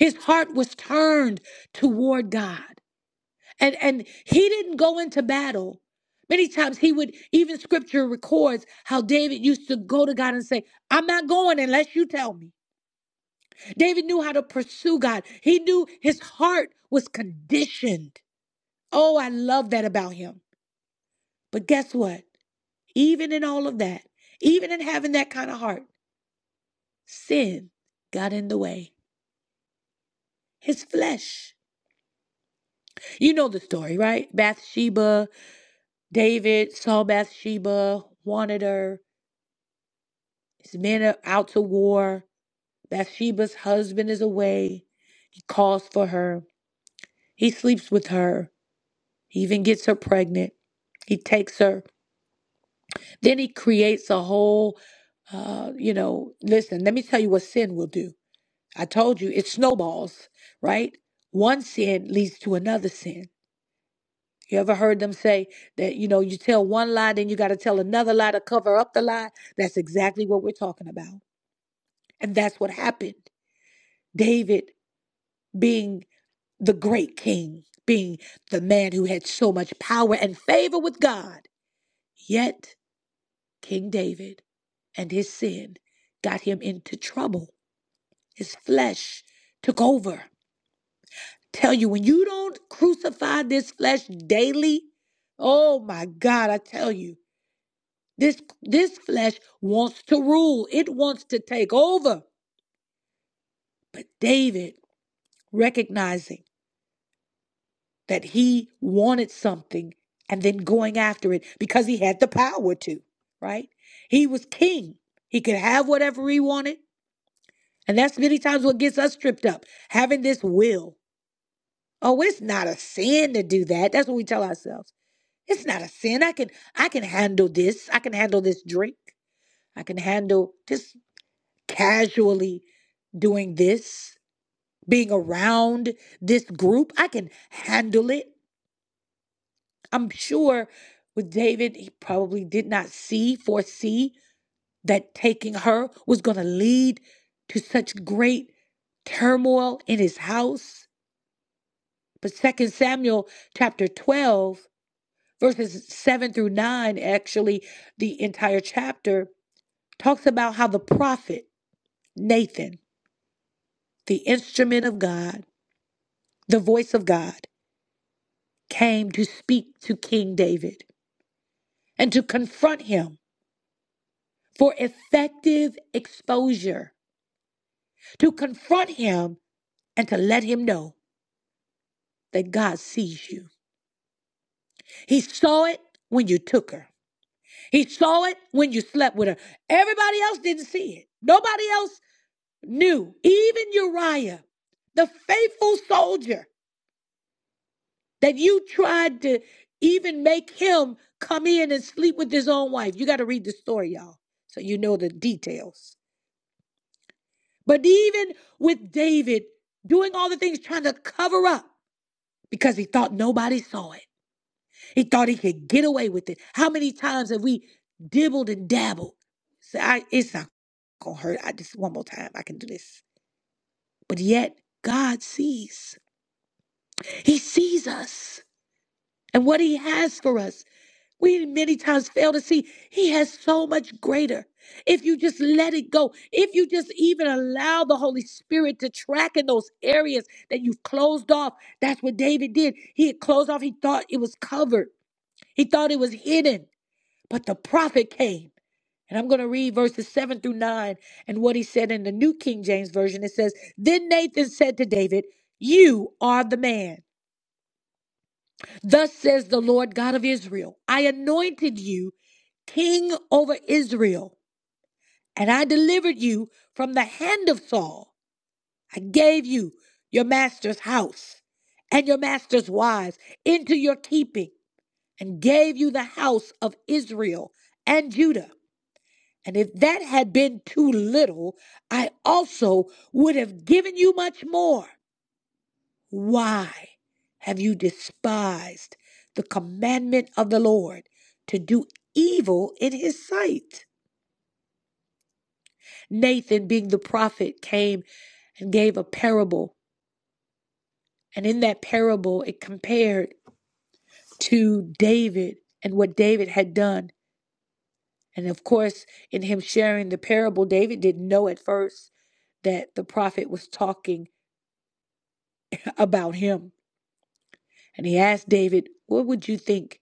His heart was turned toward God and and he didn't go into battle many times he would even scripture records how david used to go to god and say i'm not going unless you tell me david knew how to pursue god he knew his heart was conditioned oh i love that about him but guess what even in all of that even in having that kind of heart sin got in the way his flesh you know the story right bathsheba david saw bathsheba wanted her His men are out to war. Bathsheba's husband is away. He calls for her. He sleeps with her. He even gets her pregnant. He takes her. Then he creates a whole, uh, you know, listen, let me tell you what sin will do. I told you it snowballs, right? One sin leads to another sin. You ever heard them say that, you know, you tell one lie, then you got to tell another lie to cover up the lie? That's exactly what we're talking about. And that's what happened. David being the great king being the man who had so much power and favor with God. Yet, King David and his sin got him into trouble. His flesh took over. Tell you, when you don't crucify this flesh daily, oh my God, I tell you, this, this flesh wants to rule, it wants to take over. But David, recognizing that he wanted something and then going after it because he had the power to, right? He was king. He could have whatever he wanted. And that's many times what gets us tripped up having this will. Oh, it's not a sin to do that. That's what we tell ourselves. It's not a sin. I can I can handle this. I can handle this drink. I can handle just casually doing this, being around this group. I can handle it. I'm sure with David, he probably did not see, foresee that taking her was going to lead to such great turmoil in his house. But Second Samuel chapter 12, verses 7 through 9, actually, the entire chapter talks about how the prophet Nathan, the instrument of God, the voice of God, came to speak to King David and to confront him for effective exposure to confront him and to let him know that God sees you. He saw it when you took her, he saw it when you slept with her. Everybody else didn't see it, nobody else knew, even Uriah, the faithful soldier that you tried to even make him come in and sleep with his own wife. You got to read the story, y'all, so you know the details. But even with David doing all the things trying to cover up because he thought nobody saw it. He thought he could get away with it. How many times have we dibbled and dabbled? Say, I, it's not gonna hurt. I just one more time, I can do this. But yet, God sees. He sees us and what He has for us. We many times fail to see He has so much greater. If you just let it go, if you just even allow the Holy Spirit to track in those areas that you've closed off, that's what David did. He had closed off, he thought it was covered. He thought it was hidden, but the prophet came. And I'm going to read verses 7 through 9 and what he said in the New King James Version. It says, Then Nathan said to David, You are the man. Thus says the Lord God of Israel I anointed you king over Israel, and I delivered you from the hand of Saul. I gave you your master's house and your master's wives into your keeping, and gave you the house of Israel and Judah. And if that had been too little, I also would have given you much more. Why have you despised the commandment of the Lord to do evil in his sight? Nathan, being the prophet, came and gave a parable. And in that parable, it compared to David and what David had done. And of course, in him sharing the parable, David didn't know at first that the prophet was talking about him. And he asked David, What would you think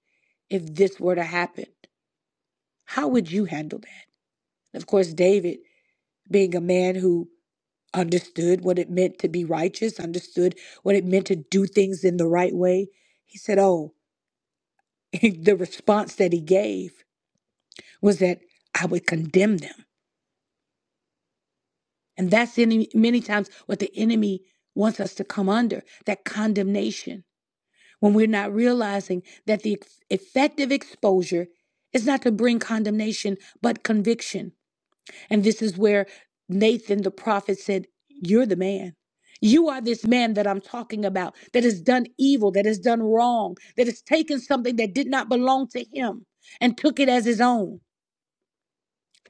if this were to happen? How would you handle that? And of course, David, being a man who understood what it meant to be righteous, understood what it meant to do things in the right way, he said, Oh, the response that he gave was that I would condemn them. And that's any, many times what the enemy wants us to come under that condemnation. when we're not realizing that the ex- effective exposure is not to bring condemnation, but conviction. And this is where Nathan the prophet said, You're the man. You are this man that I'm talking about that has done evil, that has done wrong, that has taken something that did not belong to him and took it as his own.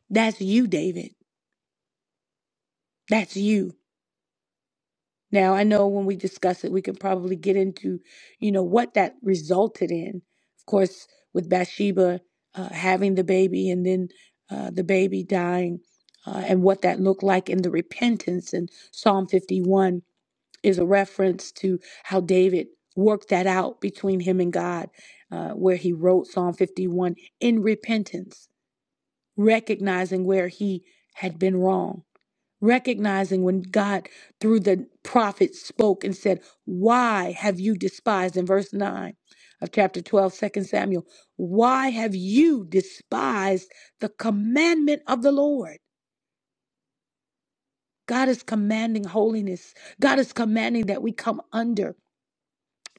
That's you, David. That's you. Now, I know when we discuss it, we can probably get into, you know, what that resulted in. Of course, with Bathsheba uh, having the baby and then uh, the baby dying uh, and what that looked like in the repentance. And Psalm 51 is a reference to how David worked that out between him and God, uh, where he wrote Psalm 51 in repentance, recognizing where he had been wrong recognizing when God, through the prophet, spoke and said, Why have you despised? In verse 9 of chapter 12, second Samuel, why have you despised the commandment of the Lord? God is commanding holiness. God is commanding that we come under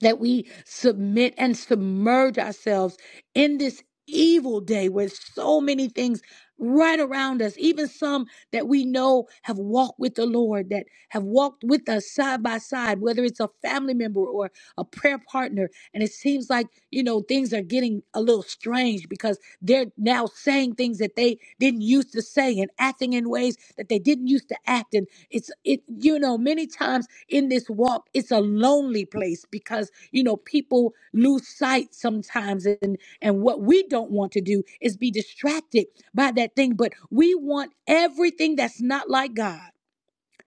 that we submit and submerge ourselves in this evil day where so many things right around us, even some that we know have walked with the Lord, that have walked with us side by side, whether it's a family member or a prayer partner. And it seems like, you know, things are getting a little strange because they're now saying things that they didn't used to say and acting in ways that they didn't used to act. And it's, it, you know, many times in this walk, it's a lonely place because, you know, people lose sight sometimes. And, and what we don't want to do is be distracted by that thing. But we want everything that's not like God.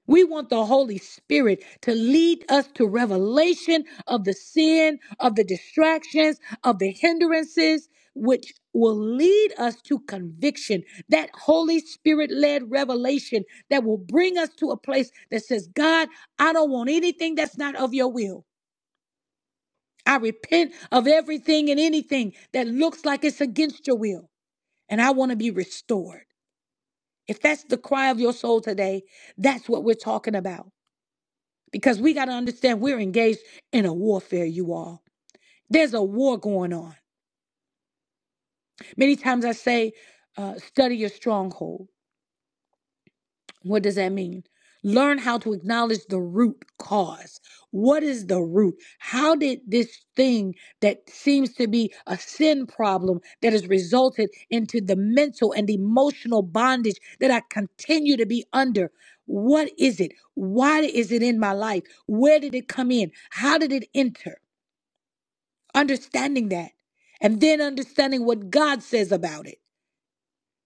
We want the Holy Spirit to lead us to revelation of the sin, of the distractions, of the hindrances, which will lead us to conviction. That Holy Spirit led revelation that will bring us to a place that says, God, I don't want anything that's not of your will. I repent of everything and anything that looks like it's against your will, and I want to be restored. If that's the cry of your soul today, that's what we're talking about. because we got to understand we're engaged in a warfare, you all. There's a war going on. Many times I say, uh, study your stronghold. What does that mean? Learn how to acknowledge the root cause. What is the root? How did this thing that seems to be a sin problem that has resulted into the mental and emotional bondage that I continue to be under? What is it? Why is it in my life? Where did it come in? How did it enter? understanding that and then understanding what God says about it.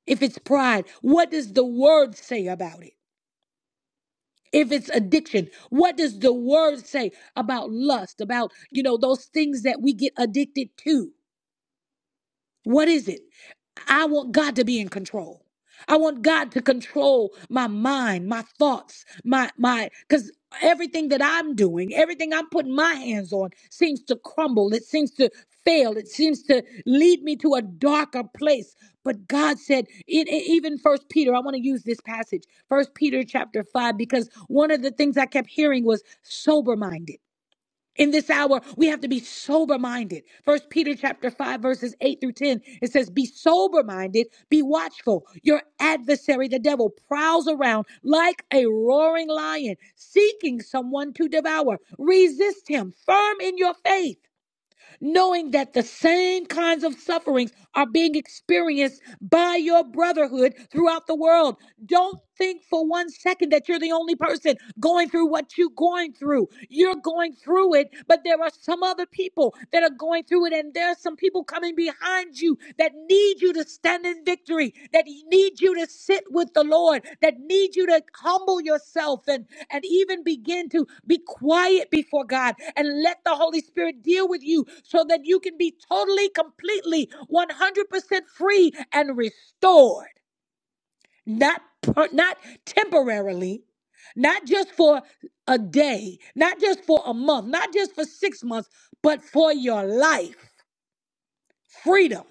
If it's pride, what does the word say about it? If it's addiction, what does the word say about lust, about, you know, those things that we get addicted to? What is it? I want God to be in control. I want God to control my mind, my thoughts, my my cuz everything that I'm doing, everything I'm putting my hands on seems to crumble. It seems to fail. It seems to lead me to a darker place. But God said, it, it- even First Peter, I want to use this passage, First Peter chapter five, because one of the things I kept hearing was sober minded in this hour we have to be sober minded first peter chapter 5 verses 8 through 10 it says be sober minded be watchful your adversary the devil prowls around like a roaring lion seeking someone to devour resist him firm in your faith knowing that the same kinds of sufferings are being experienced by your brotherhood throughout the world. Don't think for one second that you're the only person going through what you're going through. You're going through it, but there are some other people that are going through it, and there are some people coming behind you that need you to stand in victory, that need you to sit with the Lord, that need you to humble yourself and, and even begin to be quiet before God and let the Holy Spirit deal with you so that you can be totally, completely, 100% free and restored. Not, per- not temporarily, not just for a day, not just for a month, not just for six months, but for your life. Freedom.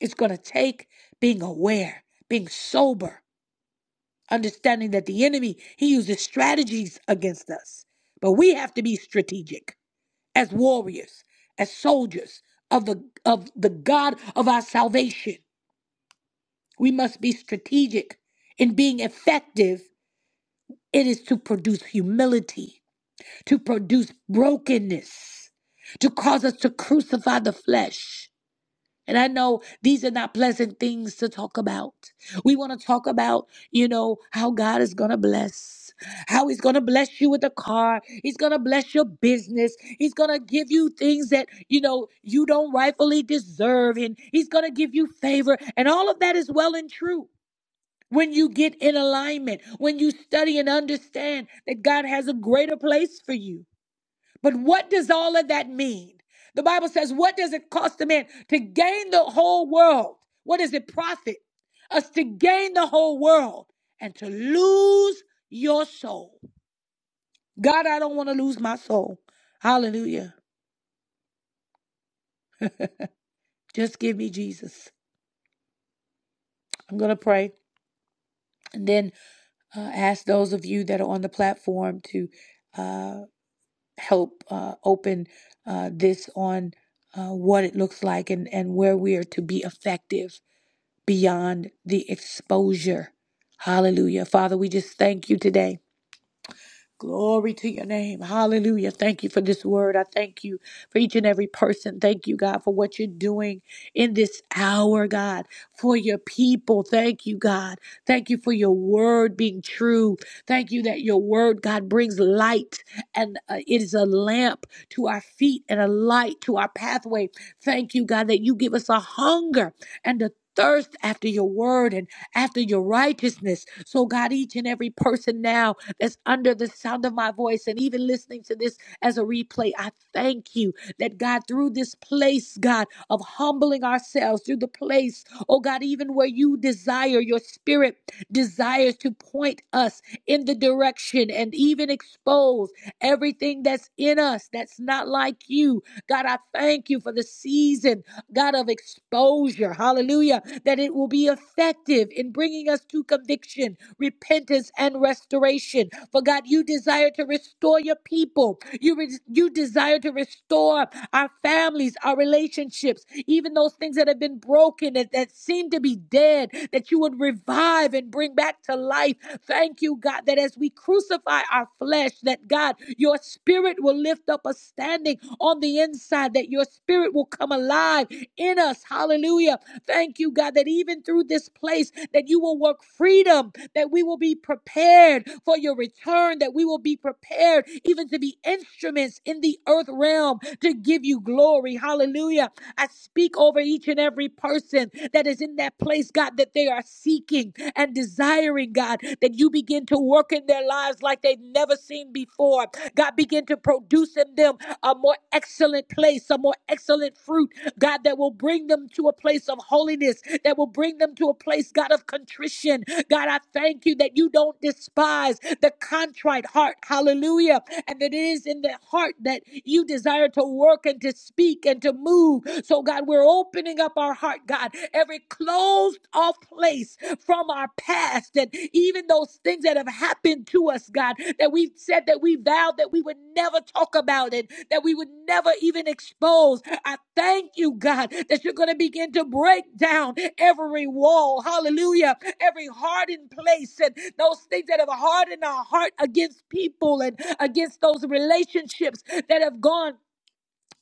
It's going to take being aware, being sober, understanding that the enemy, he uses strategies against us. But we have to be strategic as warriors, as soldiers of the of the God of our salvation. We must be strategic in being effective. It is to produce humility, to produce brokenness, to cause us to crucify the flesh. And I know these are not pleasant things to talk about. We want to talk about, you know, how God is going to bless, how He's going to bless you with a car. He's going to bless your business. He's going to give you things that, you know, you don't rightfully deserve. And He's going to give you favor. And all of that is well and true. When you get in alignment, when you study and understand that God has a greater place for you. But what does all of that mean? The Bible says, What does it cost a man to gain the whole world? What does it profit us to gain the whole world and to lose your soul? God, I don't want to lose my soul. Hallelujah. Just give me Jesus. I'm going to pray and then uh, ask those of you that are on the platform to uh, help uh, open uh, this on uh, what it looks like and, and where we are to be effective beyond the exposure. Hallelujah. Father, we just thank you today. Glory to your name. Hallelujah. Thank you for this word. I thank you for each and every person. Thank you, God, for what you're doing in this hour, God, for your people. Thank you, God. Thank you for your word being true. Thank you that your word, God, brings light and uh, it is a lamp to our feet and a light to our pathway. Thank you, God, that you give us a hunger and a thirst after your word and after your righteousness. So, God, each and every person now, that's under the sound of my voice and even listening to this as a replay. I thank you that God, through this place, God, of humbling ourselves, through the place, oh God, even where you desire, your spirit desires to point us in the direction and even expose everything that's in us that's not like you. God, I thank you for the season, God, of exposure. Hallelujah. That it will be effective in bringing us to conviction repentance and restoration. For God, you desire to restore your people. You re- you desire to restore our families, our relationships, even those things that have been broken that, that seem to be dead, that you would revive and bring back to life. Thank you, God, that as we crucify our flesh, that God, your spirit will lift up a standing on the inside, that your spirit will come alive in us. Hallelujah. Thank you, God, that even through this place, that you will work freedom that we will be prepared for your return, that we will be prepared even to be instruments in the earth realm to give you glory. Hallelujah. I speak over each and every person that is in that place, God, that they are seeking and desiring, God, that you begin to work in their lives like they've never seen before. God, begin to produce in them a more excellent place, a more excellent fruit God, that will bring them to a place of holiness, that will bring them to a place, God, of contrition. God, I thank you that you don't despise the contrite heart. Hallelujah. And that it is in the heart that you desire to work and to speak and to move. So, God, we're opening up our heart, God, every closed off place from our past and even those things that have happened to us, God, that we've said that we vowed that we would never talk talk about it that we would never even expose. I thank you, God, that you're going to begin to break down every wall. Hallelujah. Every hardened place and those things that have hardened our heart against people and against those relationships that have gone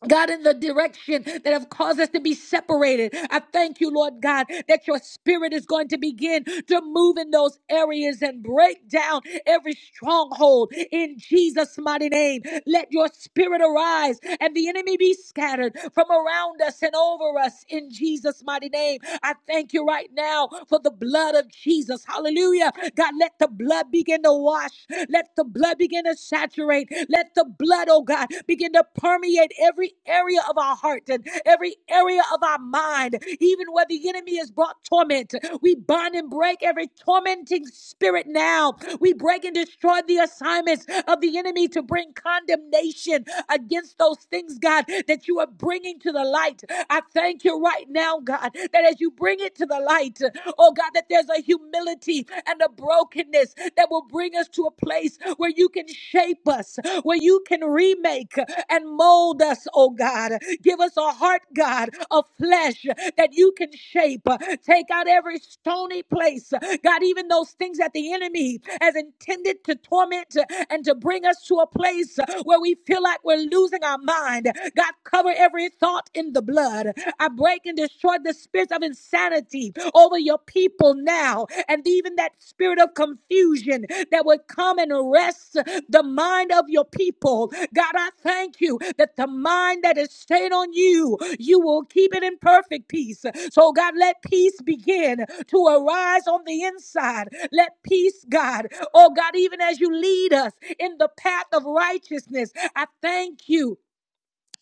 God, in the direction that have caused us to be separated. I thank you, Lord God, that your spirit is going to begin to move in those areas and break down every stronghold in Jesus' mighty name. Let your spirit arise and the enemy be scattered from around us and over us in Jesus' mighty name. I thank you right now for the blood of Jesus. Hallelujah. God, let the blood begin to wash. Let the blood begin begin to saturate. Let the blood, oh God, begin to permeate every area of our heart and every area of our mind. Even where the enemy has brought torment, we bind and break every tormenting spirit now. We break and destroy the assignments of the enemy to bring condemnation against those things, God, that you are bringing to the light. I thank you right now, God, that as you bring it to the light, oh God, that there's a humility fragility and the brokenness that will bring us to a place where you can shape us, where you can remake and mold us, oh God. Give us a heart, God, of flesh that you can shape. Take out every stony place, God, even those things that the enemy has intended to torment and to bring us to a place where we feel like we're losing our mind. God, cover every thought in the blood. I break and destroy the spirit of insanity over your people now, and even that spirit of confusion that would come and arrest the mind of your people. God, I thank you that the mind that is stayed on you, you will keep it in perfect peace. So, God, let peace begin to arise on the inside. Let peace, God, oh God, even as you lead us in the path of righteousness, I thank you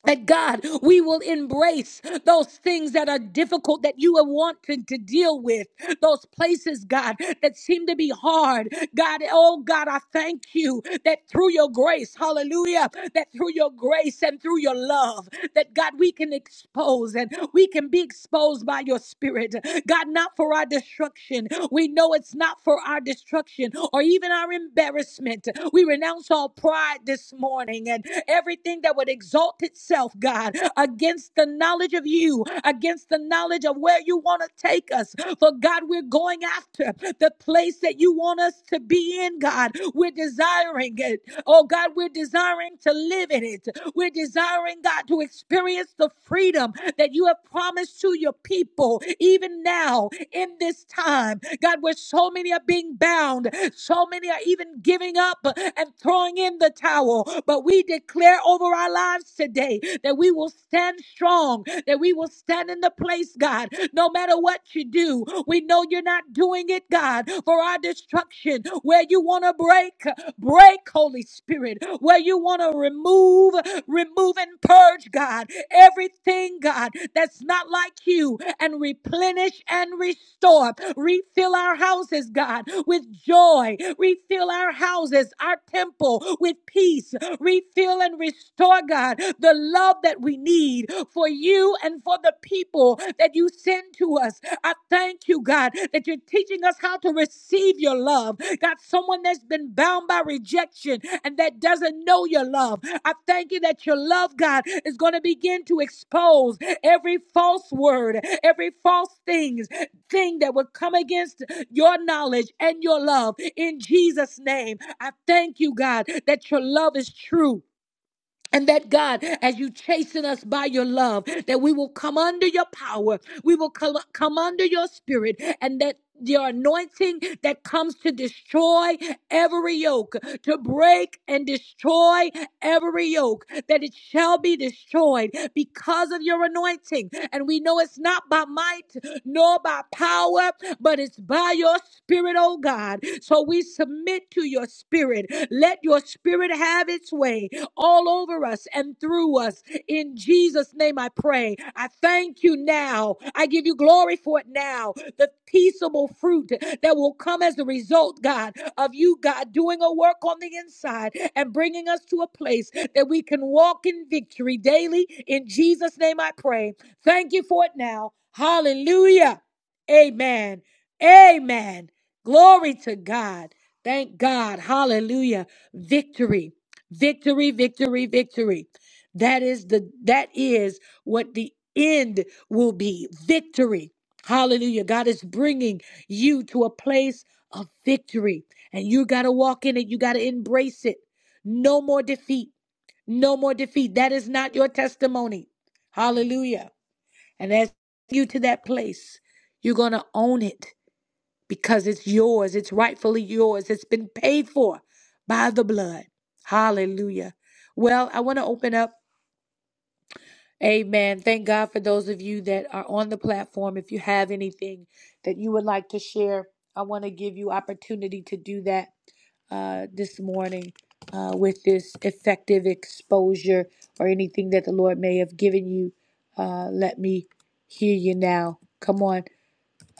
that God, we will embrace those things that are difficult that you are wanting to deal with, those places, God, that seem to be hard. God, oh God, I thank you that through your grace, hallelujah, that through your grace and through your love, that God, we can expose and we can be exposed by your spirit. God, not for our destruction. We know it's not for our destruction or even our embarrassment. We renounce all pride this morning and everything that would exalt itself, God, against the knowledge of you, against the knowledge of where you want to take us. For God, we're going after the place that you want us to be in, God. We're desiring it. Oh God, we're desiring to live in it. We're desiring, God, to experience the freedom that you have promised to your people, even now in this time. God, where so many are being bound, so many are even giving up and throwing in the towel. But we declare over our lives today that we will stand strong, that we will stand in the place, God, no matter what you do. We know you're not doing it, God, for our destruction. Where you want to break, break, Holy Spirit. Where you want to remove, Remove and purge, God, everything, God, that's not like you, and replenish and restore. Refill our houses, God, with joy. Refill our houses, our temple, with peace. Refill and restore, God, the love that we need for you and for the people that you send to us. I thank you, God, that you're teaching us how to receive your love. God, someone that's been bound by rejection and that doesn't know your love. I thank you that your love, God, is going to begin to expose every false word, every false things, thing that would come against your knowledge and your love in Jesus' name. I thank you, God, that your love is true and that God, as you chasten us by your love, that we will come under your power, we will come, come under your spirit, and that your anointing that comes to destroy every yoke, to break and destroy every yoke, that it shall be destroyed because of your anointing. And we know it's not by might nor by power, but it's by your spirit, oh God. So we submit to your spirit. Let your spirit have its way all over us and through us. In Jesus' name I pray. I thank you now. I give you glory for it now. The peaceable fruit that will come as a result, God, of you, God, doing a work on the inside and bringing us to a place that we can walk in victory daily. In Jesus' name I pray. Thank you for it now. Hallelujah. Amen. Amen. Glory to God. Thank God. Hallelujah. Victory victory victory victory that is the that is what the end will be victory hallelujah god is bringing you to a place of victory and you got to walk in it you got to embrace it no more defeat no more defeat that is not your testimony hallelujah and as you to that place you're going to own it because it's yours. It's rightfully yours. It's been paid for by the blood. Hallelujah. Well, I want to open up. Amen. Thank God for those of you that are on the platform. If you have anything that you would like to share, I want to give you opportunity to do that uh, this morning uh, with this effective exposure or anything that the Lord may have given you. Uh, let me hear you now. Come on.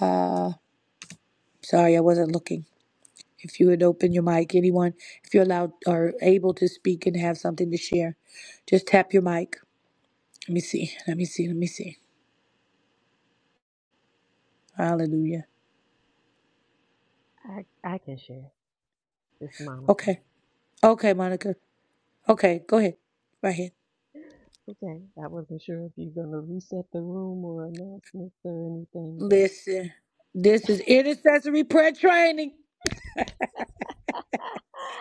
Uh, sorry, I wasn't looking. If you would open your mic, anyone, if you're allowed or able to speak and have something to share, just tap your mic. Let me see. Let me see. Let me see. Hallelujah.
I, I can share. It's Monica.
Okay. Okay, Monica. Okay, go ahead. Right here.
Okay. I wasn't sure if you're going to reset the room or announcements or anything,
Listen, this is intercessory prayer training.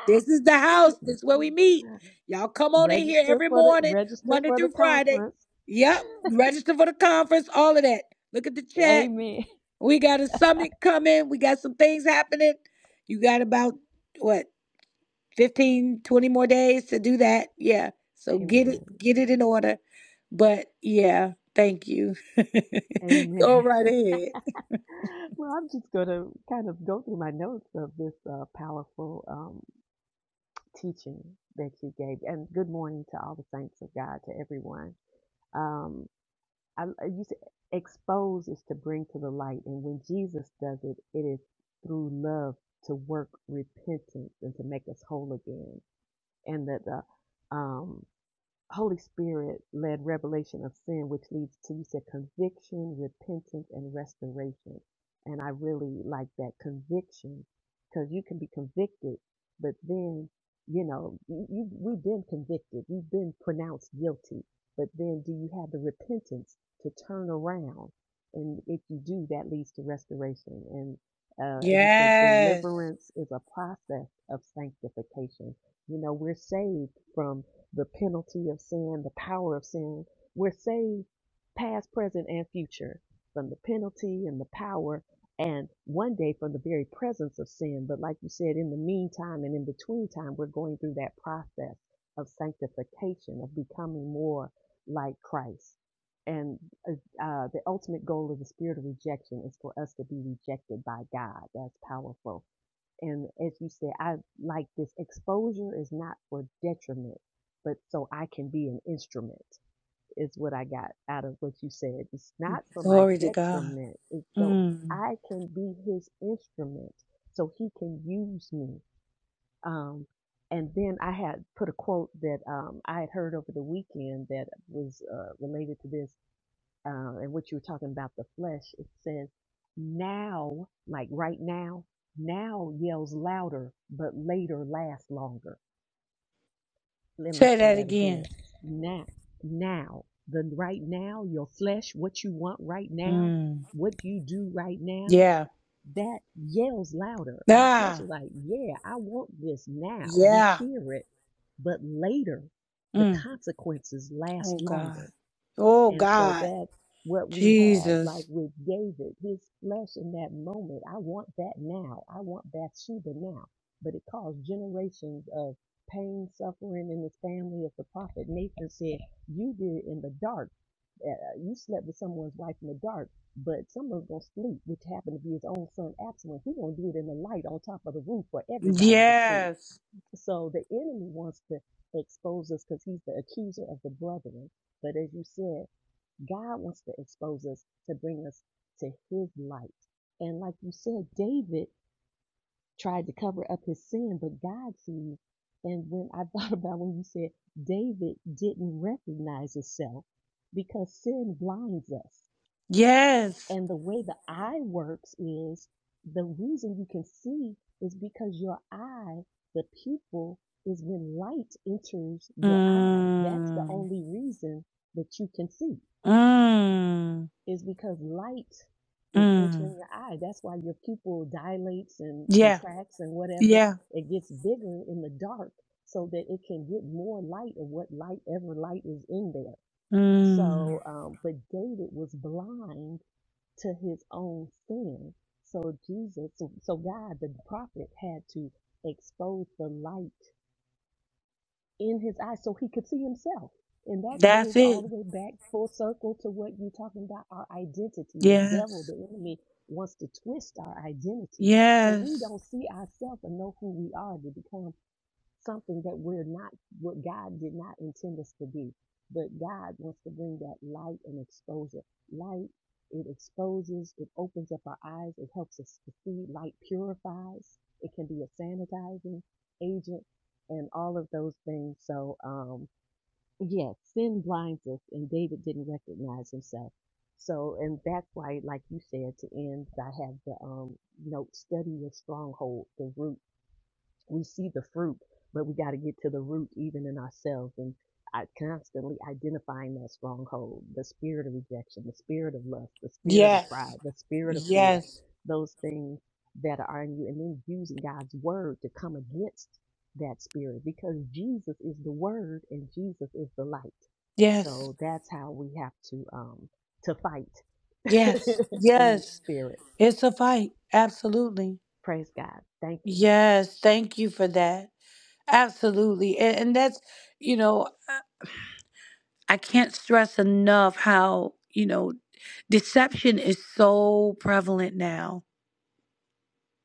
This is the
but
house. This is where we meet. Y'all come on in here
register
every
for the
morning,
register
Monday
for the
through Friday.
conference.
Yep. Register for the conference, all of that. Look at the chat.
Amen.
We got a summit coming. We got some things happening. You got about what 15, 20 more days to do that. Yeah. So get it
Amen.
get it in order. But yeah, thank you. Go
Amen.
right ahead.
well, I'm just going to kind of go through my notes of this uh, powerful um, teaching that you gave. And good morning to all the saints of God, to everyone. Um, I, I you said expose is to bring to the light, and when Jesus does it, it is through love to work repentance and to make us whole again, and that the um Holy Spirit led revelation of sin, which leads to, you said, conviction, repentance, and restoration. And I really like that conviction because you can be convicted, but then, you know, you, you, we've been convicted, we've been pronounced guilty, but then do you have the repentance to turn around? And if you do, that leads to restoration. And uh, as you said,
Yes.
deliverance is a process of sanctification. You know, we're saved from the penalty of sin, the power of sin. We're saved past, present, and future from the penalty and the power, and one day from the very presence of sin. But like you said, in the meantime and in between time, we're going through that process of sanctification, of becoming more like Christ. And uh, uh, the ultimate goal of the spirit of rejection is for us to be rejected by God. That's powerful and as you said, I like this exposure is not for detriment, but so I can be an instrument is what I got out of what you said. It's not for my
Glory to God.
detriment. It's so
Mm.
I can be his instrument so he can use me. Um, and then I had put a quote that um, I had heard over the weekend that was uh, related to this uh, and what you were talking about the flesh, it says now, like right now, now yells louder, but later lasts longer. Let me
Say
say
that
that again.
again.
Now, now, the right now, your flesh, what you want right now,
Mm.
what you do right now,
Yeah.
that yells louder. Our flesh
Ah.
is like, yeah, I want this now. You
Yeah.
hear it, but later, the
Mm.
consequences
Oh
last
God.
longer
Oh
and so
God.
that's what we have, like
Jesus.
with David, his flesh in that moment. I want that now. I want Bathsheba now. But it caused generations of pain, suffering in the family. As the prophet Nathan said, you did it in the dark. Uh, you slept with someone's wife in the dark, but someone's going to sleep, which happened to be his own son Absalom. He's going to do it in the light on top of the roof for everybody to see.
Yes.
So the enemy wants to expose us because he's the accuser of the brethren. But as you said, God wants to expose us to bring us to his light. And like you said, David tried to cover up his sin, but God sees. And when I thought about when you said David didn't recognize himself because sin blinds us.
Yes.
And the way the eye works is the reason you can see is because your eye, the pupil, is when light enters your eye. That's the
Mm.
only reason that you can see
Mm.
is because light is
Mm.
entering your eye. That's why your pupil dilates and
Yeah.
contracts and whatever.
Yeah.
It gets bigger in the dark so that it can get more light of what light ever light is in there.
Mm.
So, um, but David was blind to his own sin. So Jesus, so, so God, the prophet had to expose the light in his eyes so he could see himself. And that
That's
goes all
it.
the way back full circle to what you're talking about our identity. The devil,
Yes.
the enemy, wants to twist our identity. So we
Yes.
don't see ourselves and know who we are to become something that we're not, what God did not intend us to be. But God wants to bring that light and exposure. Light, it exposes, it opens up our eyes, it helps us to see. Light purifies, it can be a sanitizing agent, and all of those things. So, um, yeah, sin blinds us, and David didn't recognize himself. So, and that's why, like you said, to end, I have the um, note study your stronghold, the root we see the fruit, but we got to get to the root even in ourselves and I constantly identifying that stronghold, the spirit of rejection, the spirit of lust, the spirit of pride,
Yes.
the spirit of fear,
Yes.
those things that are in you, and then using God's word to come against that spirit because Jesus is the word and Jesus is the light.
Yes.
So that's how we have to um to fight
Yes.
in the
Yes.
spirit.
It's a fight. Absolutely.
Praise God. Thank you.
Yes. Thank you for that. Absolutely. And, and that's, you know, I I can't stress enough how, you know, deception is so prevalent now.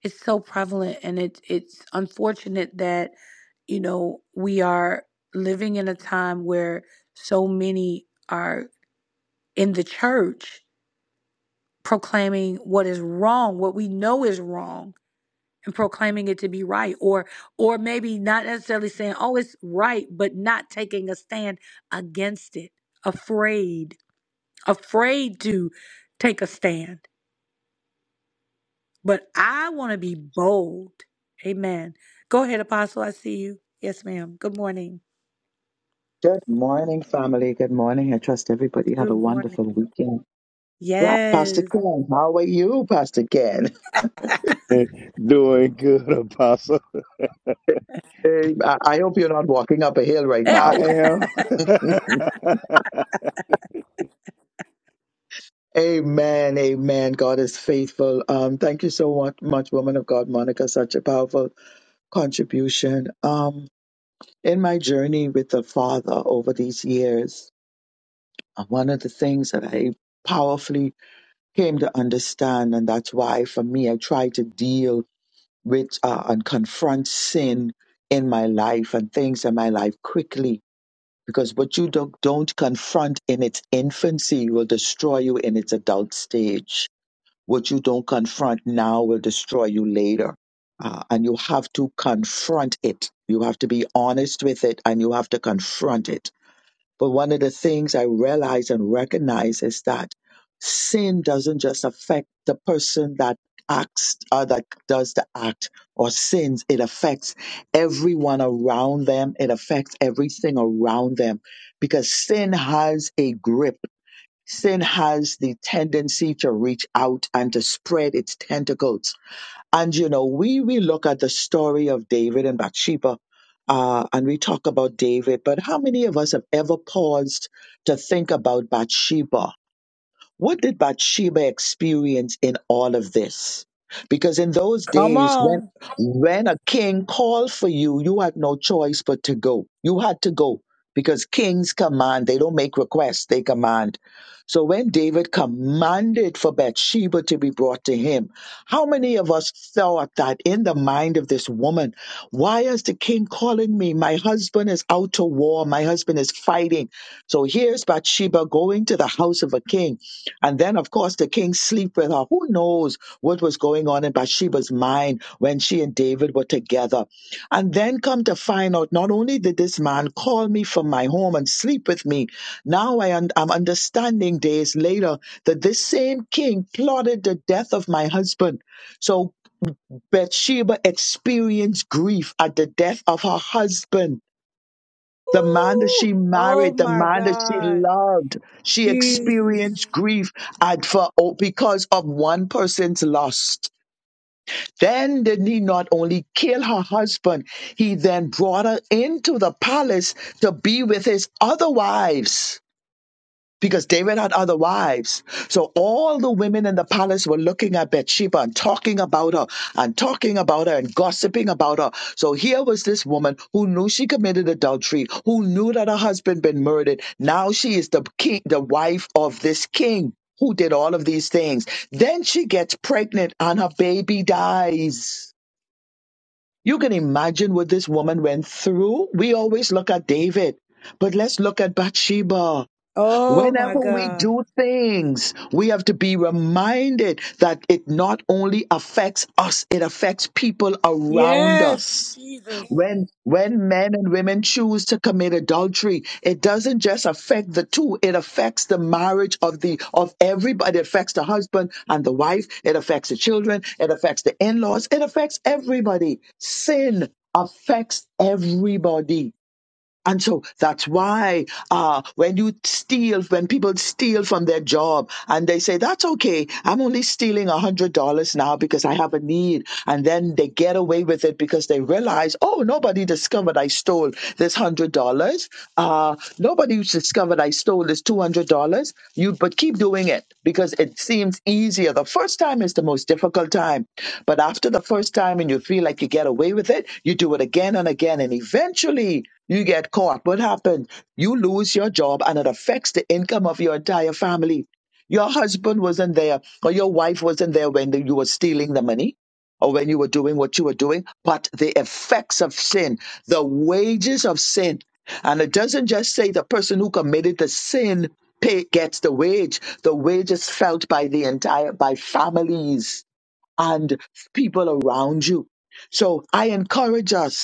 It's so prevalent and it's it's unfortunate that, you know, we are living in a time where so many are in the church proclaiming what is wrong, what we know is wrong and proclaiming it to be right or or maybe not necessarily saying oh it's right but not taking a stand against it afraid afraid to take a stand but i want to be bold amen go ahead apostle i see you yes ma'am good morning
Good morning, family. Good morning. I trust everybody had a
good
wonderful
morning
weekend. Right, Pastor
yes
Ken, how are you, Pastor Ken?
Doing good, Apostle.
Eh, I I hope you're not walking up a hill right
I
now.
am.
Amen. Amen. God is faithful. Um, thank you so much, much, woman of God, Monica. Such a powerful contribution. Um, in my journey with the Father over these years, uh, one of the things that I powerfully came to understand, and that's why for me, I try to deal which uh, and confront sin in my life and things in my life quickly because what you don't, don't confront in its infancy will destroy you in its adult stage what you don't confront now will destroy you later uh, and you have to confront it you have to be honest with it and you have to confront it but one of the things I realize and recognize is that sin doesn't just affect the person that acts or that does the act or sins. It affects everyone around them. It affects everything around them because sin has a grip. Sin has the tendency to reach out and to spread its tentacles and you know, we we look at the story of David and Bathsheba, uh, and we talk about David, but how many of us have ever paused to think about Bathsheba? What did Bathsheba experience in all of this? Because in those days, when when a king called for you, you had no choice but to go. You had to go because kings command; they don't make requests; they command. So when David commanded for Bathsheba to be brought to him, how many of us thought that in the mind of this woman, why is the king calling me? My husband is out to war. My husband is fighting. So here's Bathsheba going to the house of a king and then, of course, the king sleep with her. Who knows what was going on in Bathsheba's mind when she and David were together? And then come to find out, not only did this man call me from my home and sleep with me, now I un- I'm understanding days later that this same king plotted the death of my husband. So Bathsheba experienced grief at the death of her husband the man that
Ooh,
she
oh
married, the
my
man that she
god
loved, she
jesus
experienced grief at for oh, because of one person's loss. Then did he not only kill her husband, he then brought her into the palace to be with his other wives because David had other wives. So all the women in the palace were looking at Bathsheba and talking about her and talking about her and gossiping about her. So here was this woman who knew she committed adultery, who knew that her husband been murdered. Now she is the king, the wife of this king who did all of these things. Then she gets pregnant and her baby dies. You can imagine what this woman went through. We always look at David, but let's look at Bathsheba.
oh my
Whenever we
god
do things, we have to be reminded that it not only affects us, it affects people around
yes
us.
jesus
When when men and women choose to commit adultery, it doesn't just affect the two, it affects the marriage of the of everybody. It affects the husband and the wife, it affects the children, it affects the in-laws, it affects everybody. Sin affects everybody. And so that's why uh, when you steal, when people steal from their job and they say, that's okay, I'm only stealing $100 now because I have a need. And then they get away with it because they realize, oh, nobody discovered I stole this $100. Uh, nobody discovered I stole this $200. You, but keep doing it because it seems easier. The first time is the most difficult time. But after the first time and you feel like you get away with it, you do it again and again. And eventually, you get caught. What happened? You lose your job and it affects the income of your entire family. Your husband wasn't there or your wife wasn't there when you were stealing the money or when you were doing what you were doing, but the effects of sin, the wages of sin. And it doesn't just say the person who committed the sin pay, gets the wage. The wage is felt by the entire, by families and people around you. So I encourage us.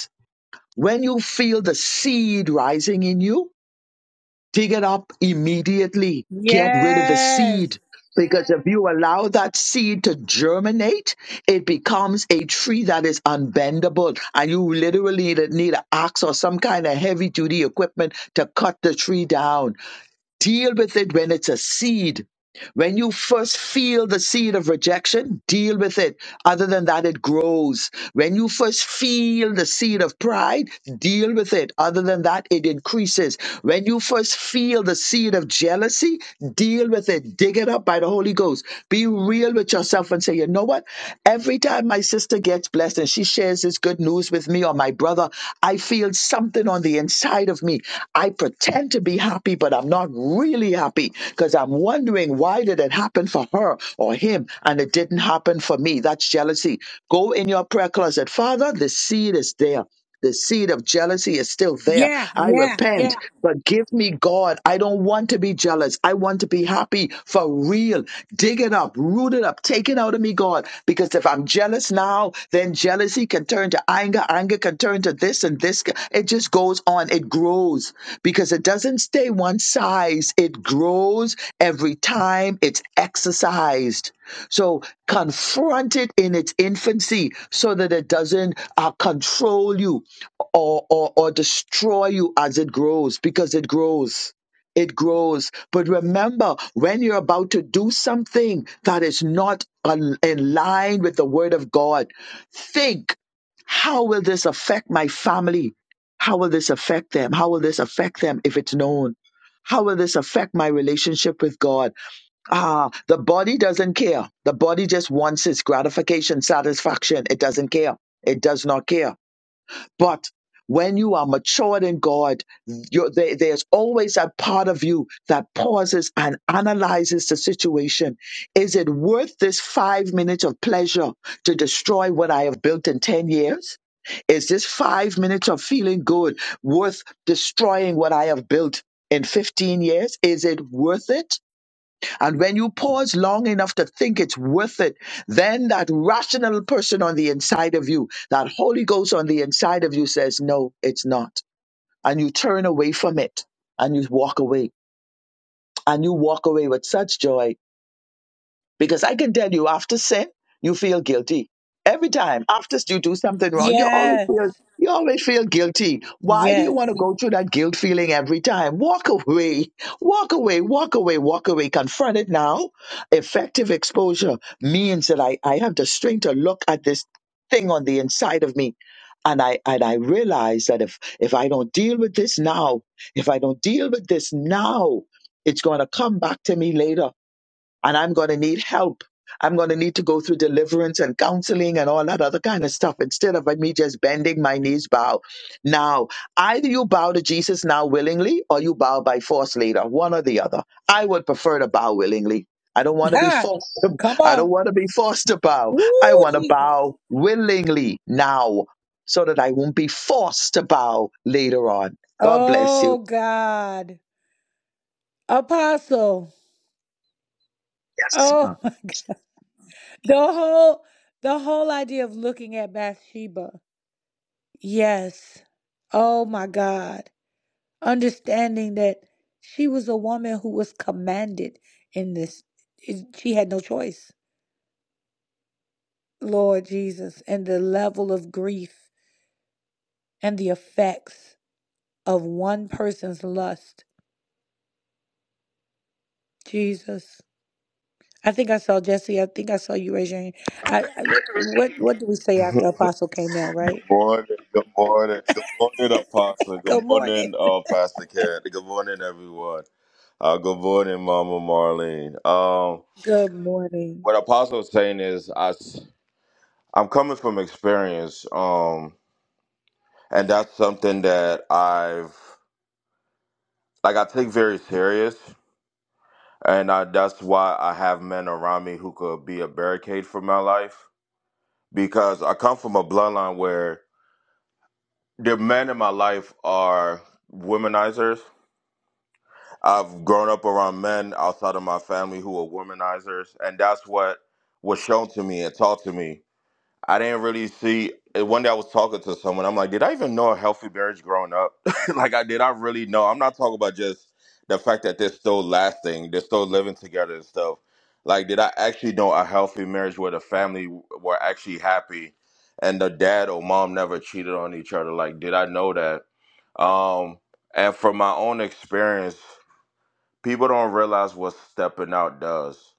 When you feel the seed rising in you, dig it up immediately. Get rid of the
yes
seed. Because if you allow that seed to germinate, it becomes a tree that is unbendable. And you literally need an axe or some kind of heavy duty equipment to cut the tree down. Deal with it when it's a seed. When you first feel the seed of rejection, deal with it. Other than that, it grows. When you first feel the seed of pride, deal with it. Other than that, it increases. When you first feel the seed of jealousy, deal with it. Dig it up by the Holy Ghost. Be real with yourself and say, you know what? Every time my sister gets blessed and she shares this good news with me or my brother, I feel something something on the inside of me. I pretend to be happy, but I'm not really happy because I'm wondering why did it happen for her or him and it didn't happen for me. That's jealousy. Go in your prayer closet. Father, the seed is there. The seed of jealousy is still there.
Yeah,
I
yeah,
repent.
yeah.
Forgive me, God. I don't want to be jealous. I want to be happy for real. Dig it up, root it up, take it out of me, God. God, because if I'm jealous now, then jealousy can turn to anger, anger can turn to this and this. It just goes on, it grows because it doesn't stay one size, it grows every time it's exercised. So confront it in its infancy so that it doesn't uh, control you or, or, or destroy you as it grows because it grows it grows. But remember, when you're about to do something that is not on- in line with the word of God, think, how will this affect my family? How will this affect them? How will this affect them if it's known? How will this affect my relationship with God? Ah, the body doesn't care. The body just wants its gratification, satisfaction. It doesn't care. It does not care but when you are matured in God, you're, there, there's always that part of you that pauses and analyzes the situation. Is it worth this five minutes of pleasure to destroy what I have built in 10 years? Is this five minutes of feeling good worth destroying what I have built in 15 years? Is it worth it? And when you pause long enough to think it's worth it, then that rational person on the inside of you, that Holy Ghost on the inside of you says, no, it's not. And you turn away from it and you walk away. And you walk away with such joy because I can tell you, after sin, you feel guilty. Every time after you do something wrong, you always
Yes,
feel you always feel guilty. Why do you
yes.
want to go through that guilt feeling every time? Walk away, walk away, walk away, walk away. Confront it now. Effective exposure means that I, I have the strength to look at this thing on the inside of me. And I and I realize that if if I don't deal with this now, if I don't deal with this now, it's gonna come back to me later and I'm going to need help. I'm going to need to go through deliverance and counseling and all that other kind of stuff instead of me just bending my knees bow. Now, either you bow to Jesus now willingly or you bow by force later, one or the other. I would prefer to bow willingly. I don't want to be
Ha!
forced. To,
Come
I don't
on.
want to be forced to bow. I
Ooh,
want to
Jesus.
bow willingly now so that I won't be forced to bow later on. God bless you.
Oh God. Apostle.
Yes.
Oh my God. The whole the whole idea of looking at Bathsheba. Yes. Oh my God. Understanding that she was a woman who was commanded in this. It- She had no choice. Lord Jesus. And the level of grief and the effects. of one person's lust. Jesus. I think I saw Jesse. I think I saw you raise your hand. I, I, what What do we say
Good
after Apostle Canel? Right.
morning, good morning, good morning, Apostle.
Good
Good
morning.
morning, uh, Pastor Cat. Good morning, everyone. Uh, good morning, Mama Marlene. Um,
Good morning.
what Apostle was saying is, I, am coming from experience, um, and that's something that I've like I take very serious, and I, that's why I have men around me who could be a barricade for my life because I come from a bloodline where the men in my life are womenizers I've grown up around men outside of my family who are womanizers, and that's what was shown to me and taught to me. I didn't really see. and One day I was talking to someone. I'm like, did I even know a healthy marriage growing up? like, I did I really know? I'm not talking about just the fact that they're still lasting, they're still living together and stuff. Like, did I actually know a healthy marriage where the family were actually happy and the dad or mom never cheated on each other? Like, did I know that? Um, and from my own experience, people don't realize what stepping out does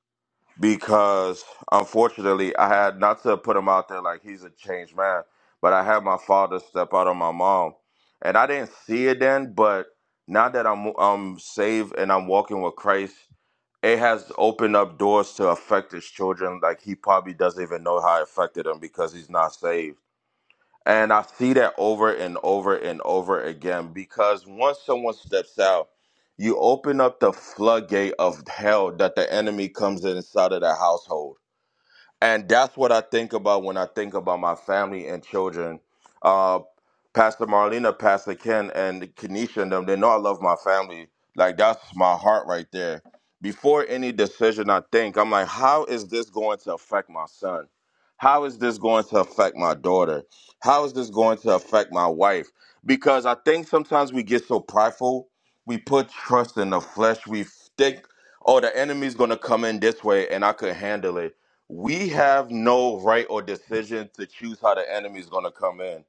because unfortunately i had not to put him out there like he's a changed man but i had my father step out on my mom and i didn't see it then but now that i'm i'm saved and i'm walking with christ it has opened up doors to affect his children like he probably doesn't even know how it affected him because he's not saved and I see that over and over and over again because once someone steps out, you open up the floodgate of hell that the enemy comes inside of that household and that's what I think about when I think about my family and children. Uh, Pastor Marlena, Pastor Ken, and Kenesha and them, they know I love my family. Like that's my heart right there. Before any decision I think, I'm like, how is this going to affect my son? How is this going to affect my daughter? How is this going to affect my wife? Because I think sometimes we get so prideful, we put trust in the flesh. We think, oh, the enemy's going to come in this way and I could handle it we have no right or decision to choose how the enemy is going to come in.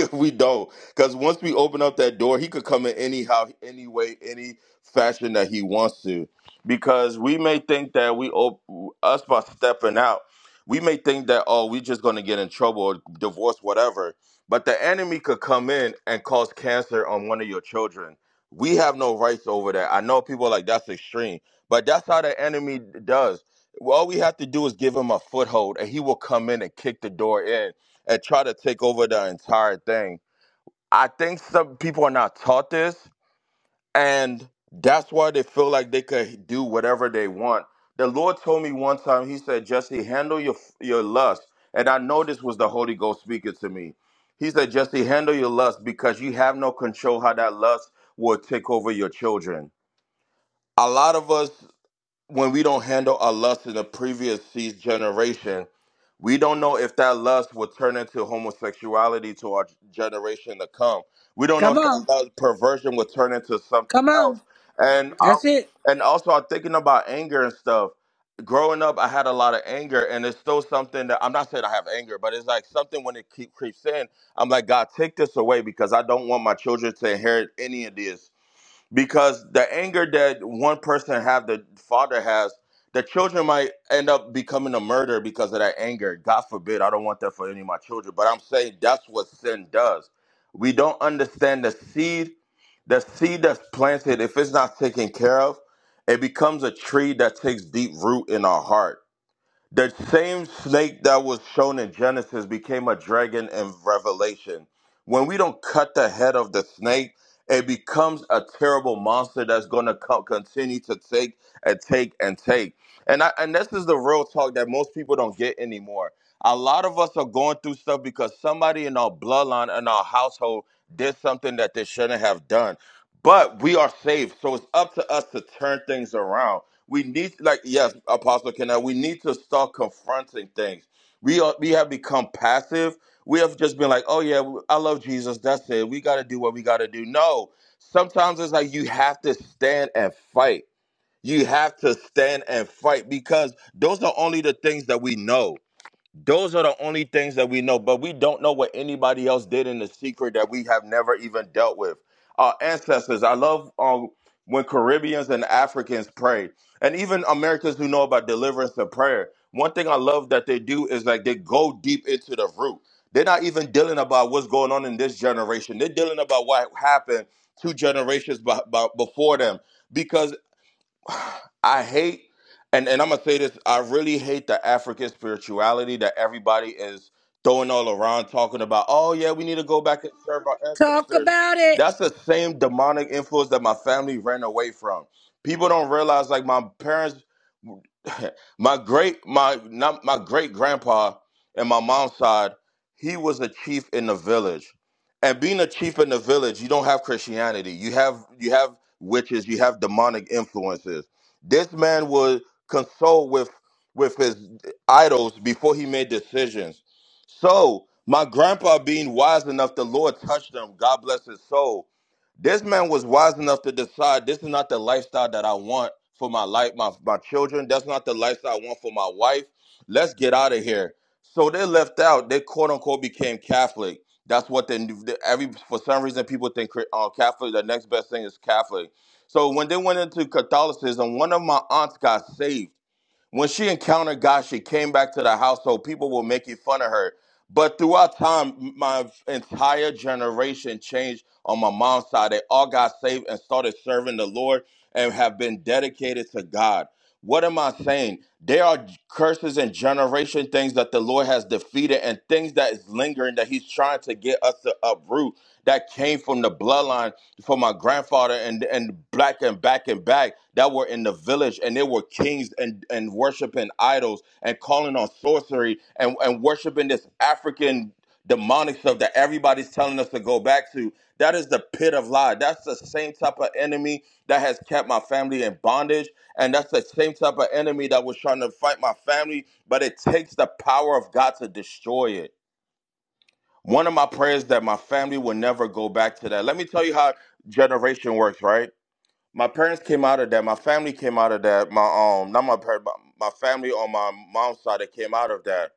we don't. Because once we open up that door, he could come in anyhow, any way, any fashion that he wants to. Because we may think that we op- us by stepping out, we may think that oh, we just gonna get in trouble or divorce, whatever. But the enemy could come in and cause cancer on one of your children. We have no rights over that. I know people are like that's extreme, but that's how the enemy does. All we have to do is give him a foothold, and he will come in and kick the door in and try to take over the entire thing. I think some people are not taught this, and that's why they feel like they could do whatever they want. The Lord told me one time, He said, Jesse, handle your, your lust. And I know this was the Holy Ghost speaking to me. He said, Jesse, handle your lust because you have no control how that lust will take over your children. A lot of us, when we don't handle our lust in the previous seas- generation, we don't know if that lust will turn into homosexuality to our generation to come. We don't know
Come
if that
on.
lust perversion will turn into something
Come on.
else. And I,
That's it.
and also, I'm thinking about anger and stuff. Growing up, I had a lot of anger, and it's still something that I'm not saying I have anger, but it's like something when it keep, creeps in. I'm like, God, take this away because I don't want my children to inherit any of this because the anger that one person have the father has the children might end up becoming a murderer because of that anger god forbid i don't want that for any of my children but i'm saying that's what sin does we don't understand the seed the seed that's planted if it's not taken care of it becomes a tree that takes deep root in our heart the same snake that was shown in Genesis became a dragon in Revelation. When we don't cut the head of the snake, it becomes a terrible monster that's going to co- continue to take and take and take. And I, and this is the real talk that most people don't get anymore. A lot of us are going through stuff because somebody in our bloodline in our household did something that they shouldn't have done. But we are saved, so it's up to us to turn things around. We need, like, yes, Apostle Kenneth, we need to start confronting things. We are, we have become passive. We have just been like, oh yeah, I love Jesus. That's it. We got to do what we got to do. No, sometimes it's like you have to stand and fight. You have to stand and fight because those are only the things that we know. Those are the only things that we know, but we don't know what anybody else did in the secret that we have never even dealt with. Our ancestors, I love um, when Caribbeans and Africans pray, and even Americans who know about deliverance and prayer. One thing I love that they do is like they go deep into the root. They're not even dealing about what's going on in this generation. They're dealing about what happened two generations be- be- before them. because. I hate, and, and I'm gonna say this, I really hate the African spirituality that everybody is throwing all around talking about, oh yeah, we need to go back and serve our
Talk
ancestors.
about it.
That's the same demonic influence that my family ran away from. People don't realize like my parents my great my not my great grandpa and my mom's side, he was a chief in the village. And being a chief in the village, you don't have Christianity. You have you have witches, you have demonic influences. This man would consult with with his idols before he made decisions. So my grandpa being wise enough, the Lord touched him. God bless his soul this man was wise enough to decide this is not the lifestyle that I want for my life, my, my children. That's not the lifestyle I want for my wife. Let's get out of here. So they left out. They quote unquote became Catholic. That's what they every for some reason people think uh, Catholic. The next best thing is Catholic. So when they went into Catholicism, one of my aunts got saved. When she encountered God, she came back to the household. People were making fun of her. But throughout time, my entire generation changed on my mom's side. They all got saved and started serving the Lord and have been dedicated to God. What am I saying? There are curses and generation things that the Lord has defeated and things that is lingering that He's trying to get us to uproot that came from the bloodline for my grandfather and and black and back and back that were in the village and they were kings and and worshiping idols and calling on sorcery and and worshiping this African demonic stuff that everybody's telling us to go back to. That is the pit of lie. That's the same type of enemy that has kept my family in bondage. And that's the same type of enemy that was trying to fight my family, but it takes the power of God to destroy it. One of my prayers that my family will never go back to that. Let me tell you how generation works, right? My parents came out of that. My family came out of that. My um, not my parents, but my family on my mom's side that came out of that,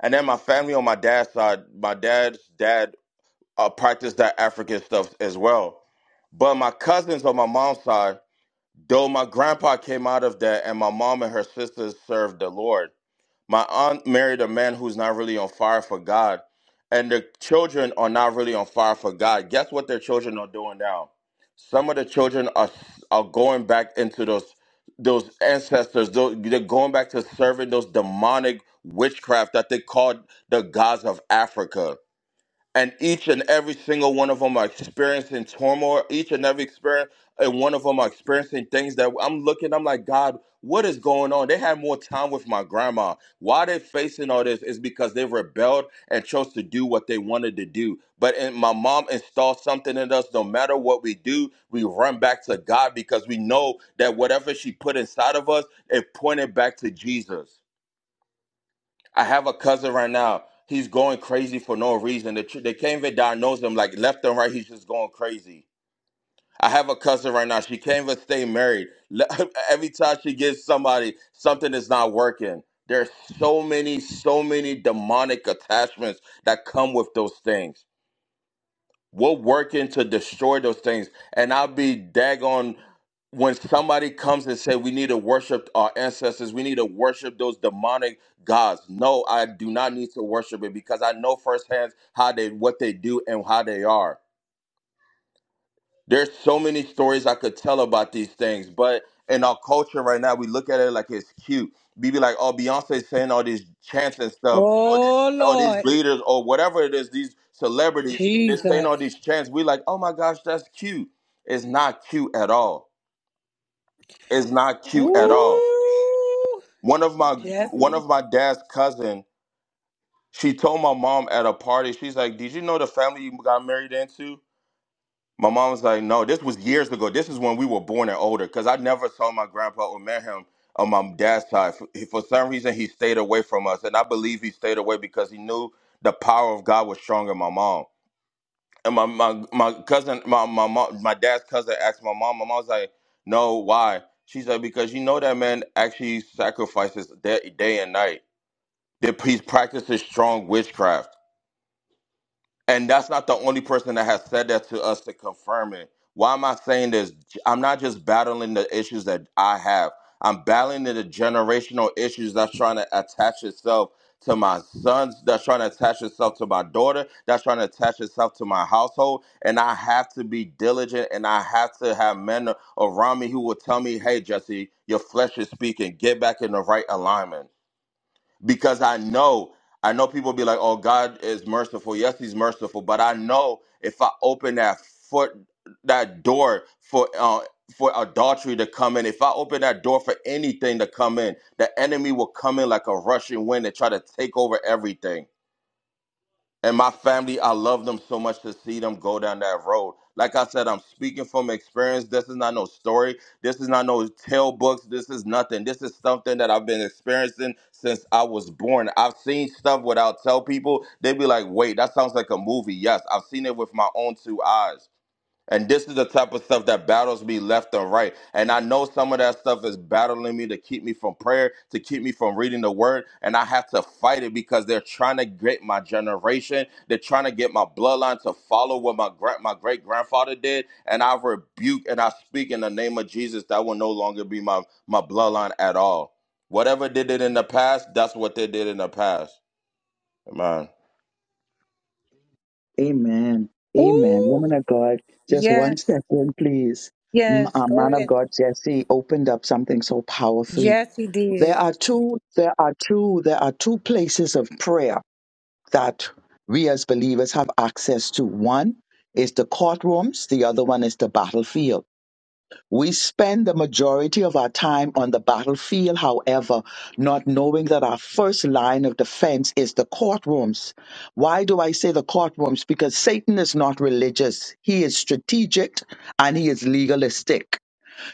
and then my family on my dad's side. My dad's dad uh, practiced that African stuff as well. But my cousins on my mom's side, though my grandpa came out of that, and my mom and her sisters served the Lord my aunt married a man who's not really on fire for God, and the children are not really on fire for God. Guess what their children are doing now? Some of the children are are going back into those those ancestors. Those, they're going back to serving those demonic witchcraft that they called the gods of Africa and each and every single one of them are experiencing turmoil. Each and every experience, and one of them are experiencing things that I'm looking. I'm like, God, what is going on? They had more time with my grandma. Why they're facing all this is because they rebelled and chose to do what they wanted to do. But and my mom installed something in us. No matter what we do, we run back to God because we know that whatever she put inside of us, it pointed back to Jesus. I have a cousin right now. He's going crazy for no reason. They, tr- they can't even diagnose him. Like left and right, he's just going crazy. I have a cousin right now. She can't even stay married. Le- Every time she gives somebody something is not working. There's so many, so many demonic attachments that come with those things. We're working to destroy those things. And I'll be daggone when somebody comes and say we need to worship our ancestors, we need to worship those demonic gods. No, I do not need to worship it because I know firsthand how they what they do and how they are. There's so many stories I could tell about these things, but in our culture right now, we look at it like it's cute. We be like, oh, Beyonce's saying all these chants and stuff, or this,
Oh
all these
Lord.
leaders, or whatever it is, these celebrities, they're saying all these
Jesus.
chants. We like, oh my gosh, that's cute. It's not cute at all. It's not cute at all.
Ooh.
One of my one
Jesse.
of my dad's cousin, she told my mom at a party, she's like, Did you know the family you got married into? My mom was like, no, this was years ago. This is when we were born and older because I never saw my grandpa or met him on my dad's side. For, for some reason, he stayed away from us. And I believe he stayed away because he knew the power of God was stronger than my mom. And my, my, my cousin, my, my, mom, my dad's cousin asked my mom, my mom was like, no, why? She's like, because you know that man actually sacrifices day, day and night. That he practices strong witchcraft. And that's not the only person that has said that to us to confirm it. Why am I saying this? I'm not just battling the issues that I have. I'm battling the generational issues that's trying to attach itself to my sons, that's trying to attach itself to my daughter, that's trying to attach itself to my household. And I have to be diligent and I have to have men around me who will tell me, hey, Jesse, your flesh is speaking. Get back in the right alignment because I know I know people be like, "Oh, God is merciful." Yes, He's merciful, but I know if I open that foot, that door for uh, for adultery to come in, if I open that door for anything to come in, the enemy will come in like a rushing wind and try to take over everything and my family i love them so much to see them go down that road like i said i'm speaking from experience this is not no story this is not no tale books this is nothing this is something that i've been experiencing since i was born i've seen stuff without tell people they be like wait that sounds like a movie yes i've seen it with my own two eyes and this is the type of stuff that battles me left and right. And I know some of that stuff is battling me to keep me from prayer, to keep me from reading the word. And I have to fight it because they're trying to get my generation. They're trying to get my bloodline to follow what my, gra- my great grandfather did. And I rebuke and I speak in the name of Jesus that will no longer be my, my bloodline at all. Whatever did it in the past, that's what they did in the past. Amen.
Amen. Amen.
Ooh.
Woman of God, just one
Yes.
second, please. M-
Yes.
uh,
Go
man of
ahead.
God, Jesse opened up something so powerfully.
Yes, he
There
did.
are two, there are two, there are two places of prayer that we as believers have access to. One is the courtrooms, the other one is the battlefield. We spend the majority of our time on the battlefield, however, not knowing that our first line of defense is the courtrooms. Why do I say the courtrooms? Because Satan is not religious, he is strategic and he is legalistic.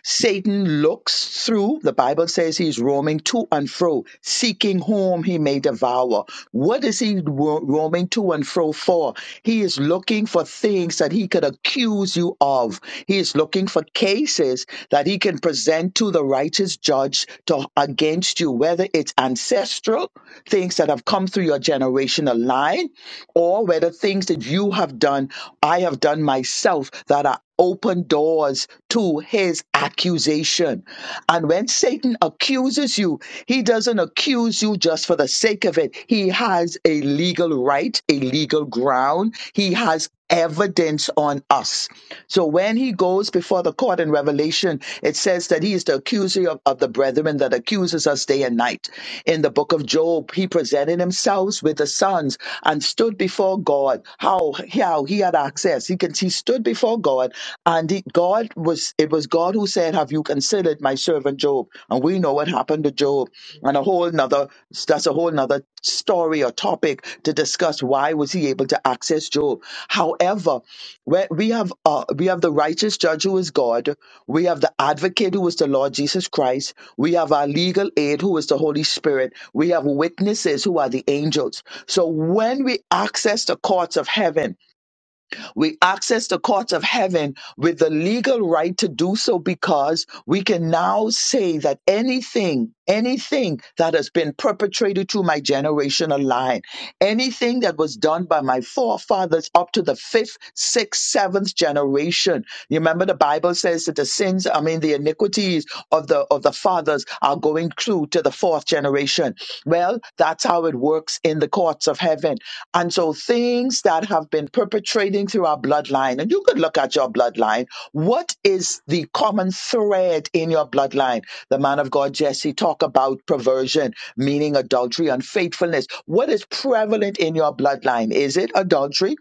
Satan looks through, the Bible says he's roaming to and fro, seeking whom he may devour. What is he ro- roaming to and fro for? He is looking for things that he could accuse you of. He is looking for cases that he can present to the righteous judge to, against you, whether it's ancestral, things that have come through your generational line, or whether things that you have done, I have done myself that are open doors doors to his accusation. And when Satan accuses you, he doesn't accuse you just for the sake of it. He has a legal right, a legal ground. He has evidence on us. So when he goes before the court in Revelation, it says that he is the accuser of, of the brethren that accuses us day and night. In the book of Job, he presented himself with the sons and stood before God. How, how he had access. He can see stood before God, and he, God was it was God who said, "Have you considered my servant Job?" And we know what happened to Job, and a whole another that's a whole another story or topic to discuss. Why was he able to access Job? However, where we have uh, we have the righteous judge who is God, we have the advocate who is the Lord Jesus Christ, we have our legal aid who is the Holy Spirit, we have witnesses who are the angels. So when we access the courts of heaven we access the courts of heaven with the legal right to do so because we can now say that anything, anything that has been perpetrated through my generational line, anything that was done by my forefathers up to the fifth, sixth, seventh generation. You remember the Bible says that the sins, I mean the iniquities of the of the fathers are going through to the fourth generation. Well, that's how it works in the courts of heaven. And so things that have been perpetrating through our bloodline, and you could look at your bloodline. What is the common thread in your bloodline? The man of God, Jesse, talk about perversion, meaning adultery, unfaithfulness. What is prevalent in your bloodline? Is it adultery?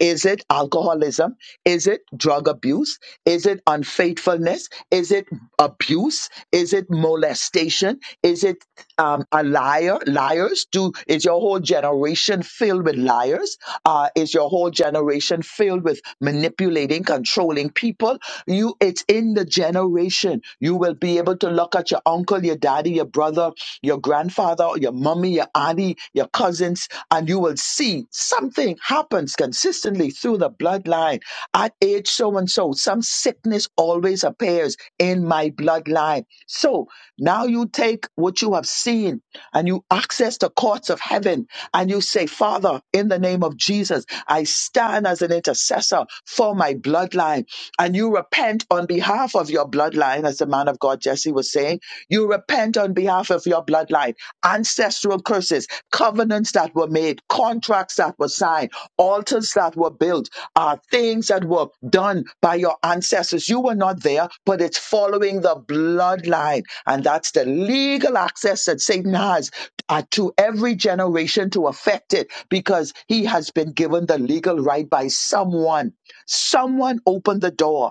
Is it alcoholism? Is it drug abuse? Is it unfaithfulness? Is it abuse? Is it molestation? Is it um, a liar? Liars? Do is your whole generation filled with liars? Uh, is your whole generation filled with manipulating, controlling people? You, it's in the generation. You will be able to look at your uncle, your daddy, your brother, your grandfather, your mummy family, your auntie, your cousins, and you will see something happens consistently through the bloodline. At age so and so, some sickness always appears in my bloodline. So now you take what you have seen and you access the courts of heaven and you say, Father, in the name of Jesus, I stand as an intercessor for my bloodline. And you repent on behalf of your bloodline, as the man man of God Jesse was saying. You repent on behalf of your bloodline, ancestral curses, covenants that were made, contracts that were signed, altars that were built, uh, things that were done by your ancestors. You were not there, but it's following the bloodline. And that's the legal access that Satan has uh, to every generation to affect it because he has been given the legal right by someone. Someone opened the door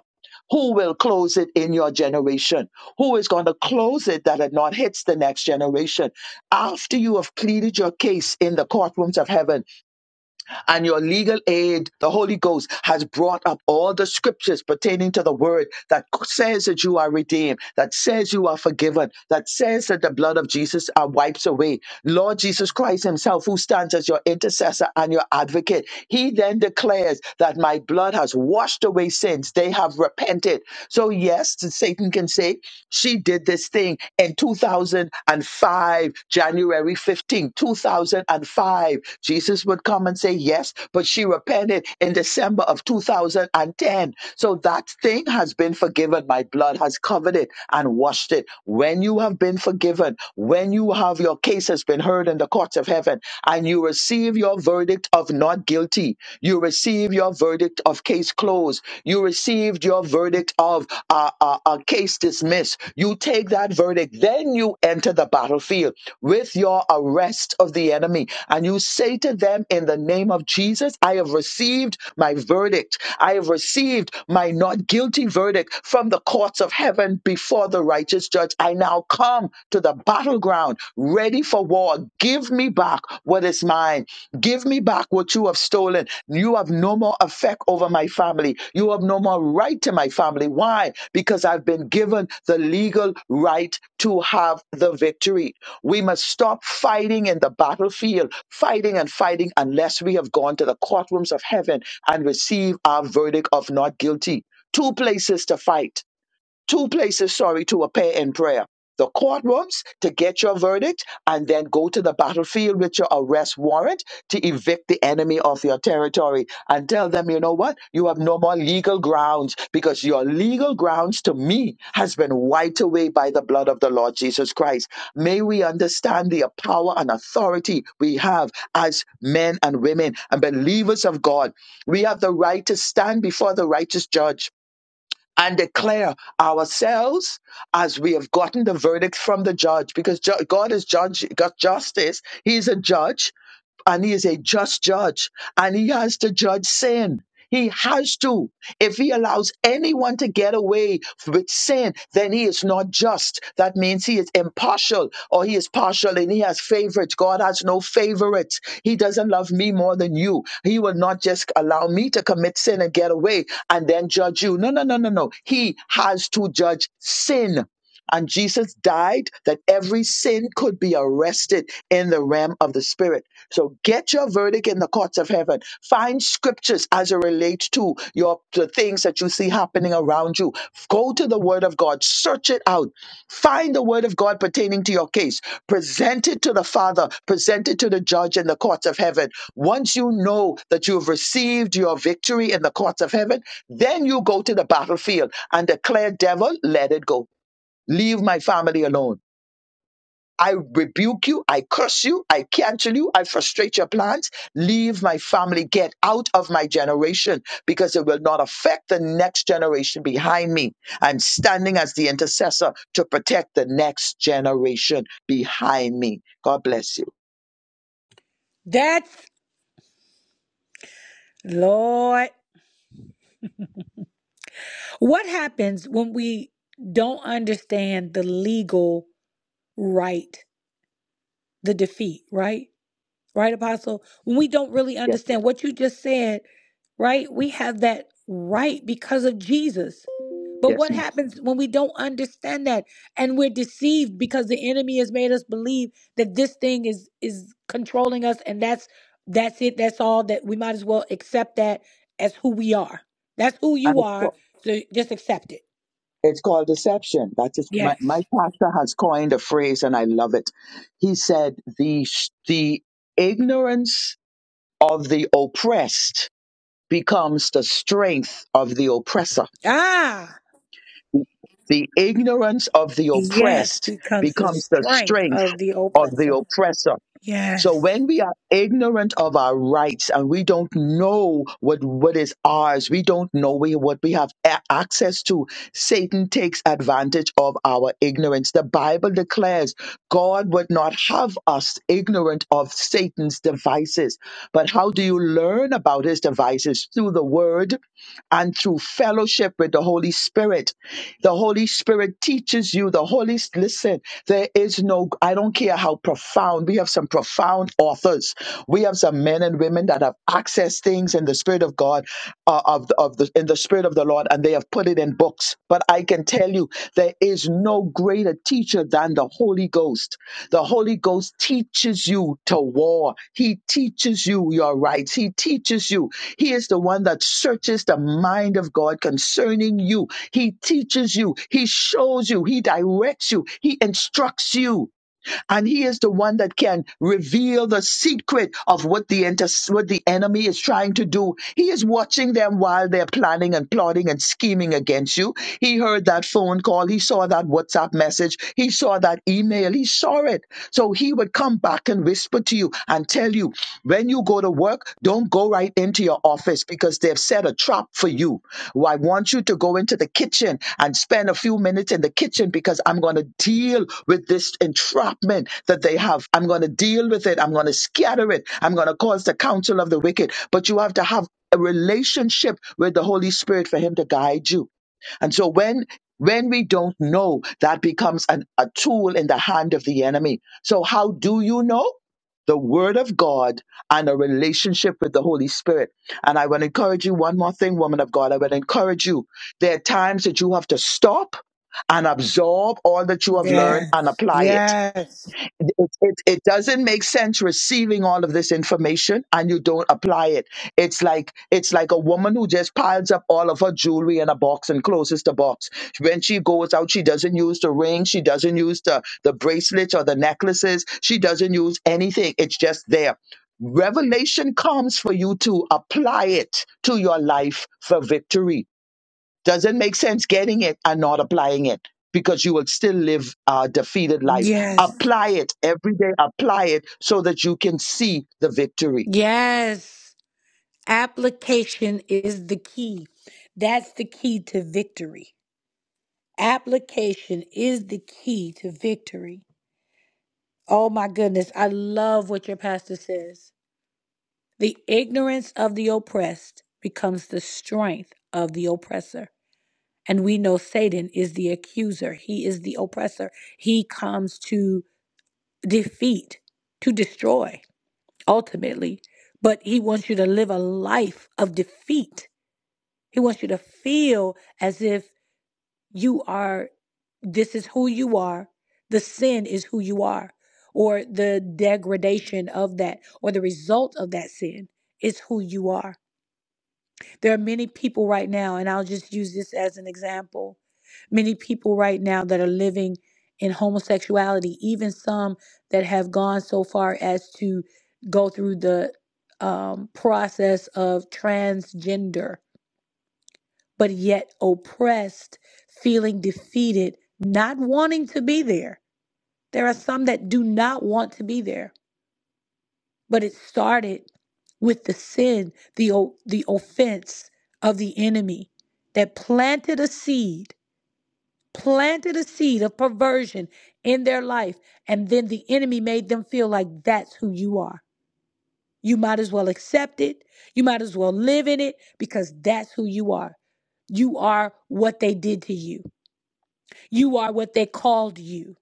who will close it in your generation? Who is going to close it that it not hits the next generation? After you have pleaded your case in the courtrooms of heaven, and your legal aid, the Holy Ghost, has brought up all the scriptures pertaining to the word that says that you are redeemed, that says you are forgiven, that says that the blood of Jesus uh, wipes away. Lord Jesus Christ Himself, who stands as your intercessor and your advocate, He then declares that my blood has washed away sins. They have repented. So, yes, Satan can say, She did this thing in 2000. 2005, January 15, 2005. Jesus would come and say yes, but she repented in December of 2010. So that thing has been forgiven. My blood has covered it and washed it. When you have been forgiven, when you have your case has been heard in the courts of heaven, and you receive your verdict of not guilty, you receive your verdict of case case closed. You received your verdict of a uh, uh, case dismissed. You take that verdict, then you enter the battlefield with your arrest of the enemy. And you say to them, In the name of Jesus, I have received my verdict. I have received my not guilty verdict from the courts of heaven before the righteous judge. I now come to the battleground, ready for war, Give me back what is mine. Give me back what you have stolen. You have no more effect over my family. You have no more right to my family. Why? Because I've been given the legal right to have the victory. We must stop fighting in the battlefield, fighting and fighting unless we have gone to the courtrooms of heaven and receive our verdict of not guilty. Two places to fight two places, sorry, to appear in prayer. The courtrooms to get your verdict and then go to the battlefield with your arrest warrant to evict the enemy of your territory and tell them, you know what? You have no more legal grounds because your legal grounds to me has been wiped away by the blood of the Lord Jesus Christ. May we understand the power and authority we have as men and women and believers of God. We have the right to stand before the righteous judge and declare ourselves as we have gotten the verdict from the judge because ju- God is judge got justice he's a judge and he is a just judge and he has to judge sin. He has to. If he allows anyone to get away with sin, then he is not just. That means he is impartial or he is partial and he has favorites. God has no favorites. He doesn't love me more than you. He will not just allow me to commit sin and get away and then judge you. No, no, no, no, no. He has to judge sin. And Jesus died that every sin could be arrested in the realm of the spirit. So get your verdict in the courts of heaven. Find scriptures as it relates to your the things that you see happening around you. Go to the word of God, search it out. Find the word of God pertaining to your case. Present it to the Father, present it to the judge in the courts of heaven. Once you know that you have received your victory in the courts of heaven, then you go to the battlefield and declare, devil, let it go. Leave my family alone I rebuke you. I curse you. I cancel you. I frustrate your plans. Leave my family. Get out of my generation because it will not affect the next generation behind me. I'm standing as the intercessor to protect the next generation behind me. God bless you.
That's Lord. What happens when we don't understand the legal right, the defeat, right? Right, Apostle? When we don't really
Yes,
understand what you just said, right? We have that right because of Jesus. But
yes,
what
ma'am.
happens when we don't understand that and we're deceived because the enemy has made us believe that this thing is is controlling us and that's that's it, that's all that we might as well accept that as who we are. That's who
And
you
it's
are,
called,
so just accept it.
it's called deception. That is my,
Yes.
my pastor has coined a phrase and I love it. He said the sh- the ignorance of the oppressed becomes the strength of the oppressor.
Ah,
The ignorance of the
yes,
oppressed
becomes the
becomes the
strength
strength
of the
of the
oppressor.
oppressor. So
Yes,
when we are ignorant of our rights and we don't know what, what is ours, we don't know we, what we have a- access to, Satan takes advantage of our ignorance. The Bible declares God would not have us ignorant of Satan's devices. But how do you learn about his devices? Through the word and through fellowship with the Holy Spirit. The Holy Spirit teaches you. The Holy, listen, there is no, I don't care how profound, we have some profound authors. We have some men and women that have accessed things in the Spirit of God, uh, of, the- of the, in the Spirit of the Lord, and they have put it in books. But I can tell you, there is no greater teacher than the Holy Ghost. The Holy Ghost teaches you to war. He teaches you your rights. He teaches you. He is the one that searches the mind of God concerning you. He teaches you. He shows you. He directs you. He instructs you and he is the one that can reveal the secret of what the inter- what the enemy is trying to do. He is watching them while they're planning and plotting and scheming against you. He heard that phone call, he saw that WhatsApp message, he saw that email, he saw it. So he would come back and whisper to you and tell tell you, when you go to work, don't go right into your office because they've set a trap for you. Well, I want you to go into the kitchen and spend a few minutes in the kitchen because I'm going to deal with this entrapment that they have. I'm going to deal with it. I'm going to scatter it. I'm going to cause the counsel of the wicked. But you have to have a relationship with the Holy Spirit for Him to guide you. And so when when we don't know, that becomes an, a tool in the hand of the enemy. So how do you know? The word of God and a relationship with the Holy Spirit. And I want to encourage you one more thing, woman of God. I would encourage you. There are times that you have to stop and absorb all that you have learned and
yes,
apply it
yes,
it, it, it doesn't make sense receiving all of this information and you don't apply it. It's like it's like a woman who just piles up all of her jewelry in a box and closes the box. When she goes out, she doesn't use the ring, she doesn't use the, the bracelets or the necklaces, she doesn't use anything. It's just there. Revelation comes for you to apply it to your life for victory doesn't make sense getting it and not applying it because you will still live a defeated life.
yes,
Apply it every day, apply it so that you can see the victory.
yes. Application is the key. That's the key to victory. Application is the key to victory. Oh my goodness, I love what your pastor says. The ignorance of the oppressed becomes the strength of the oppressor. And we know Satan is the accuser, he is the oppressor. He comes to defeat, to destroy, ultimately. But he wants you to live a life of defeat. He wants you to feel as if you are, this is who you are, the sin is who you are, or the degradation of that, or the result of that sin is who you are There are many people right now, and I'll just use this as an example. Many people right now that are living in homosexuality, even some that have gone so far as to go through the um, process of transgender, but yet oppressed, feeling defeated, not wanting to be there. There are some that do not want to be there but it started with the sin, the o- the offense of the enemy that planted a seed, planted a seed of perversion in their life, and then the enemy made them feel like that's who you are. You might as well accept it. You might as well live in it because that's who you are. You are what they did to you. You are what they called you.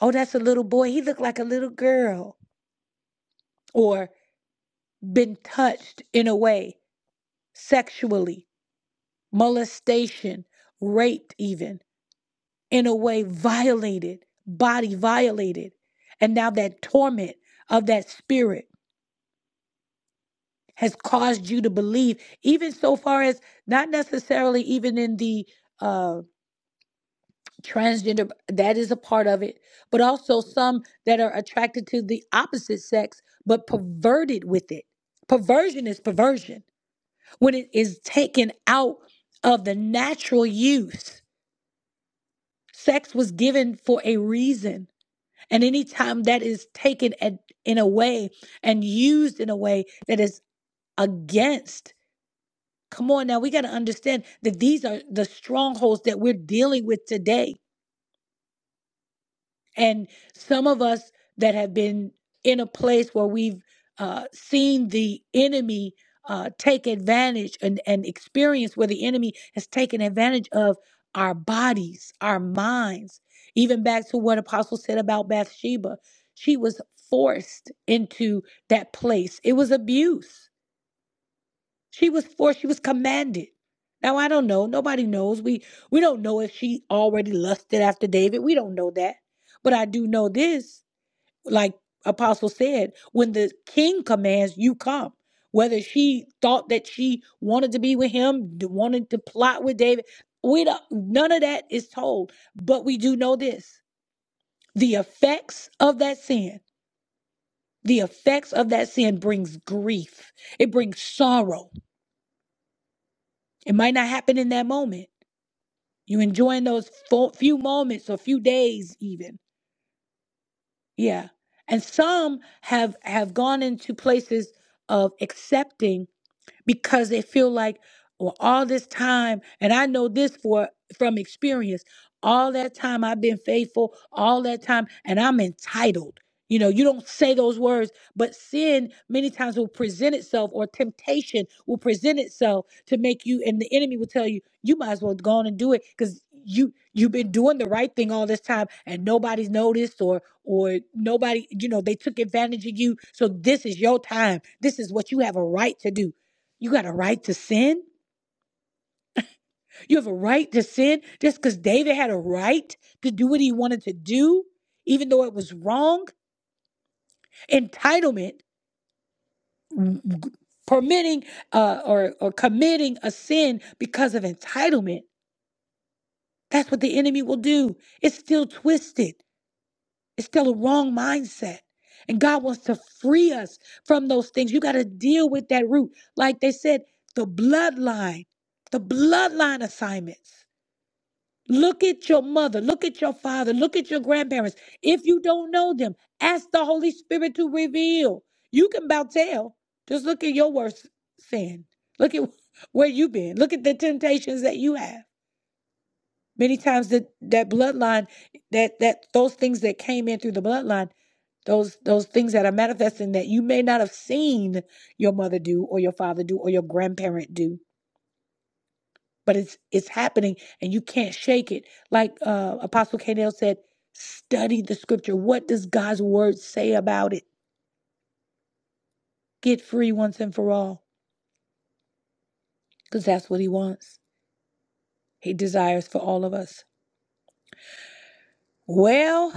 Oh, that's a little boy. He looked like a little girl. Or been touched in a way sexually molestation, raped, even in a way, violated, body violated. And now that torment of that spirit has caused you to believe, even so far as not necessarily even in the uh, transgender, that is a part of it, but also some that are attracted to the opposite sex, but perverted with it. Perversion is perversion when it is taken out of the natural use Sex was given for a reason. And anytime that is taken at, in a way and used in a way that is against, come on now, we got to understand that these are the strongholds that we're dealing with today. And some of us that have been in a place where we've uh, seen the enemy uh, take advantage and, and experience where the enemy has taken advantage of our bodies, our minds. Even back to what Apostle said about Bathsheba, she was forced into that place. It was abuse. She was forced, she was commanded. Now I don't know. Nobody knows. We we don't know if she already lusted after David. We don't know that. But I do know this, like Apostle said, when the king commands, you come. Whether she thought that she wanted to be with him, wanted to plot with David, we don't none of that is told. But we do know this. The effects of that sin, the effects of that sin brings grief. It brings sorrow. It might not happen in that moment You enjoying those fo- few moments or few days even. Yeah. And some have have gone into places of accepting because they feel like well all this time and i know this for from experience all that time i've been faithful all that time and i'm entitled you know you don't say those words but sin many times will present itself or temptation will present itself to make you and the enemy will tell you you might as well go on and do it because you you've been doing the right thing all this time and nobody's noticed or or nobody you know they took advantage of you so this is your time this is what you have a right to do you got a right to sin. You have a right to sin just because David had a right to do what he wanted to do, even though it was wrong. Entitlement, permitting uh, or, or committing a sin because of entitlement, that's what the enemy will do. It's still twisted, it's still a wrong mindset. And God wants to free us from those things. You got to deal with that root. Like they said, the bloodline, the bloodline assignments. Look at your mother. Look at your father. Look at your grandparents. If you don't know them, ask the Holy Spirit to reveal. You can about tell. Just look at your worst sin. Look at where you've been. Look at the temptations that you have. Many times that that bloodline, that that those things that came in through the bloodline, those those things that are manifesting that you may not have seen your mother do or your father do or your grandparent do but it's it's happening and you can't shake it like uh apostle Kanell said study the scripture what does god's word say about it get free once and for all because that's what he wants he desires for all of us well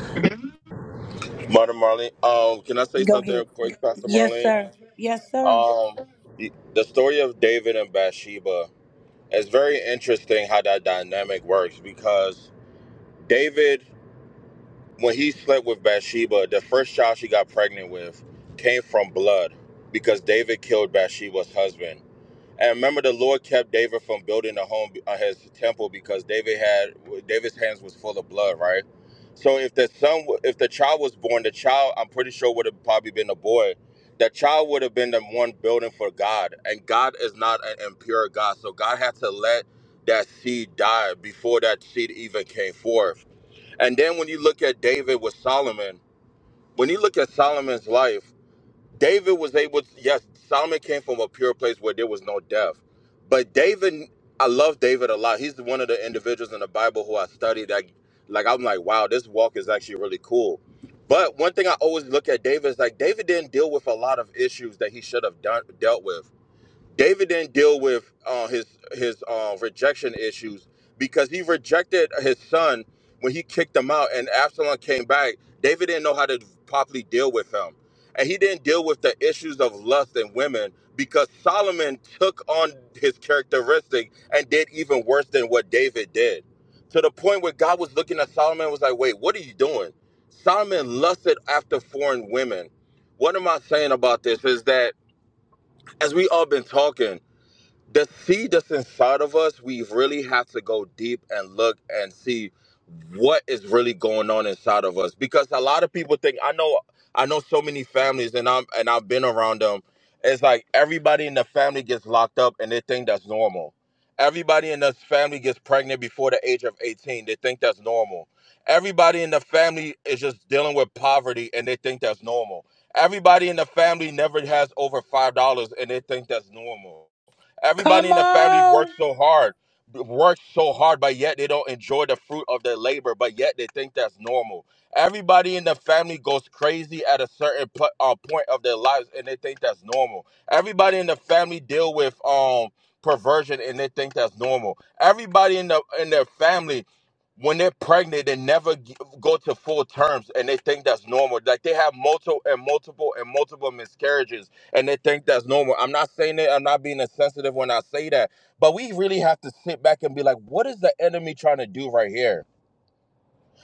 Mother Marlene, um, can I say
go ahead
something, quick, Pastor
yes
Marlene?
sir yes sir
Um, the the story of David and Bathsheba is very interesting how that dynamic works because David, when he slept with Bathsheba, the first child she got pregnant with came from blood because David killed Bathsheba's husband. And remember, the Lord kept David from building a home, uh, his temple, because David had David's hands was full of blood, right? So if the son, w- if the child was born, the child, I'm pretty sure would have probably been a boy. The child would have been the one building for God, and God is not an impure God, so God had to let that seed die before that seed even came forth. And then when you look at David with Solomon, when you look at Solomon's life. David was able. to, yes, Solomon came from a pure place where there was no death, but David, I love David a lot. He's one of the individuals in the Bible who I studied. That, like, I'm like, wow, this walk is actually really cool. But one thing I always look at David is like David didn't deal with a lot of issues that he should have done, dealt with. David didn't deal with uh, his his uh, rejection issues because he rejected his son when he kicked him out, and Absalom came back. David didn't know how to properly deal with him, and he didn't deal with the issues of lust and women because Solomon took on his characteristic and did even worse than what David did. To the point where God was looking at Solomon and was like, "Wait, what are you doing?" Solomon lusted after foreign women. What am I saying about this? Is that as we all been talking? the seed that's inside of us, we really have to go deep and look and see what is really going on inside of us. Because a lot of people think I know I know so many families and I'm and I've been around them. It's like everybody in the family gets locked up and they think that's normal. Everybody in the family gets pregnant before the age of 18. They think that's normal. Everybody in the family is just dealing with poverty and they think that's normal. Everybody in the family never has over $5 and they think that's normal Everybody
come
in the family
on
works so hard, works so hard, but yet they don't enjoy the fruit of their labor, but yet they think that's normal. Everybody in the family goes crazy at a certain pl- uh, point of their lives, and they think that's normal. Everybody in the family deal with um perversion, and they think that's normal. Everybody in the in their family when they're pregnant, they never g- go to full terms, and they think that's normal. Like they have multiple and multiple and multiple miscarriages, and they think that's normal. I'm not saying that. I'm not being insensitive when I say that, but we really have to sit back and be like, what is the enemy trying to do right here?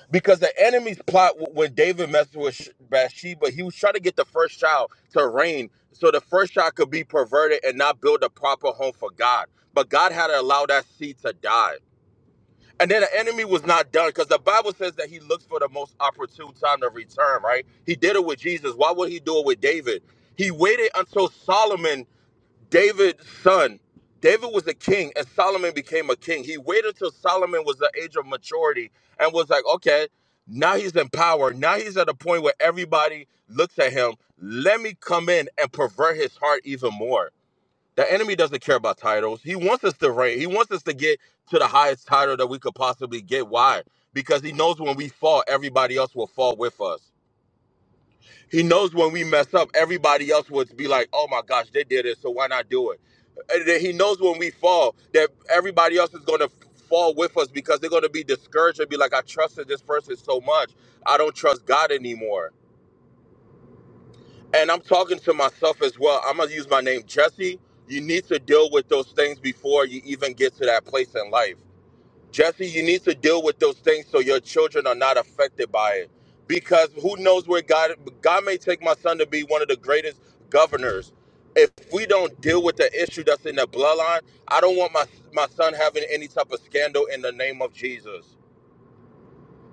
Because the enemy's plot w- when David messed with Sh- Bathsheba, he was trying to get the first child to reign, so the first child could be perverted and not build a proper home for God. But God had to allow that seed to die. And then the enemy was not done because the Bible says that he looks for the most opportune time to return, right? He did it with Jesus. Why would he do it with David? He waited until Solomon, David's son. David was a king and Solomon became a king. He waited till Solomon was the age of maturity and was like, okay, now he's in power. Now he's at a point where everybody looks at him. Let me come in and pervert his heart even more the enemy doesn't care about titles. He wants us to reign. He wants us to get to the highest title that we could possibly get. Why? Because he knows when we fall, everybody else will fall with us. He knows when we mess up, everybody else would be like, "Oh my gosh, they did it, so why not do it?" And he knows when we fall that everybody else is going to fall with us because they're going to be discouraged and be like, "I trusted this person so much, I don't trust God anymore." and I'm talking to myself as well. I'm gonna use my name, Jesse. You need to deal with those things before you even get to that place in life. Jesse, you need to deal with those things so your children are not affected by it. Because who knows where God God may take my son to be one of the greatest governors. If we don't deal with the issue that's in the bloodline, I don't want my my son having any type of scandal in the name of Jesus.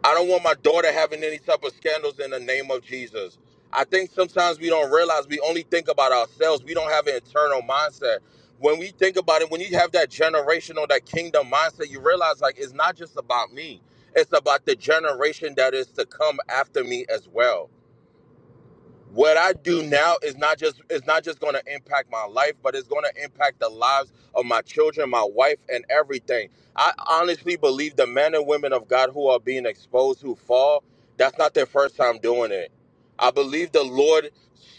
I don't want my daughter having any type of scandals in the name of Jesus. I think sometimes we don't realize we only think about ourselves. We don't have an internal mindset. When we think about it, when you have that generational, that kingdom mindset, you realize like it's not just about me. It's about the generation that is to come after me as well what I do now is not just it's not just going to impact my life, but it's going to impact the lives of my children, my wife, and everything. I honestly believe the men and women of God who are being exposed who fall, that's not their first time doing it. I believe the Lord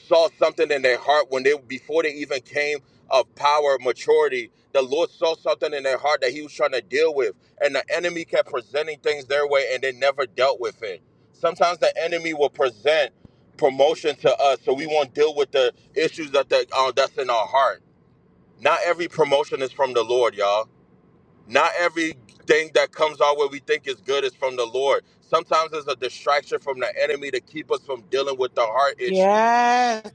saw something in their heart when they before they even came of power, maturity. The Lord saw something in their heart that He was trying to deal with, and the enemy kept presenting things their way, and they never dealt with it. Sometimes the enemy will present promotion to us, so we won't deal with the issues that the, uh, that's in our heart. Not every promotion is from the Lord, y'all. Not everything that comes our way we think is good is from the Lord. Sometimes it's a distraction from the enemy to keep us from dealing with the heart issue.
Yes.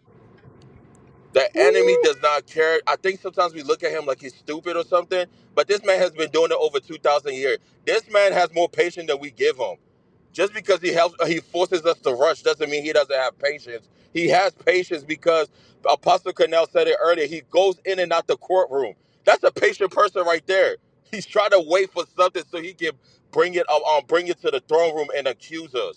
The enemy
Woo.
does not care. I think sometimes we look at him like he's stupid or something, but this man has been doing it over 2,000 years. This man has more patience than we give him. just because he helps he forces us to rush doesn't mean he doesn't have patience he has patience because apostle cornell said it earlier he goes in and out the courtroom that's a patient person right there he's trying to wait for something so he can bring it um, um, bring it to the throne room and accuse us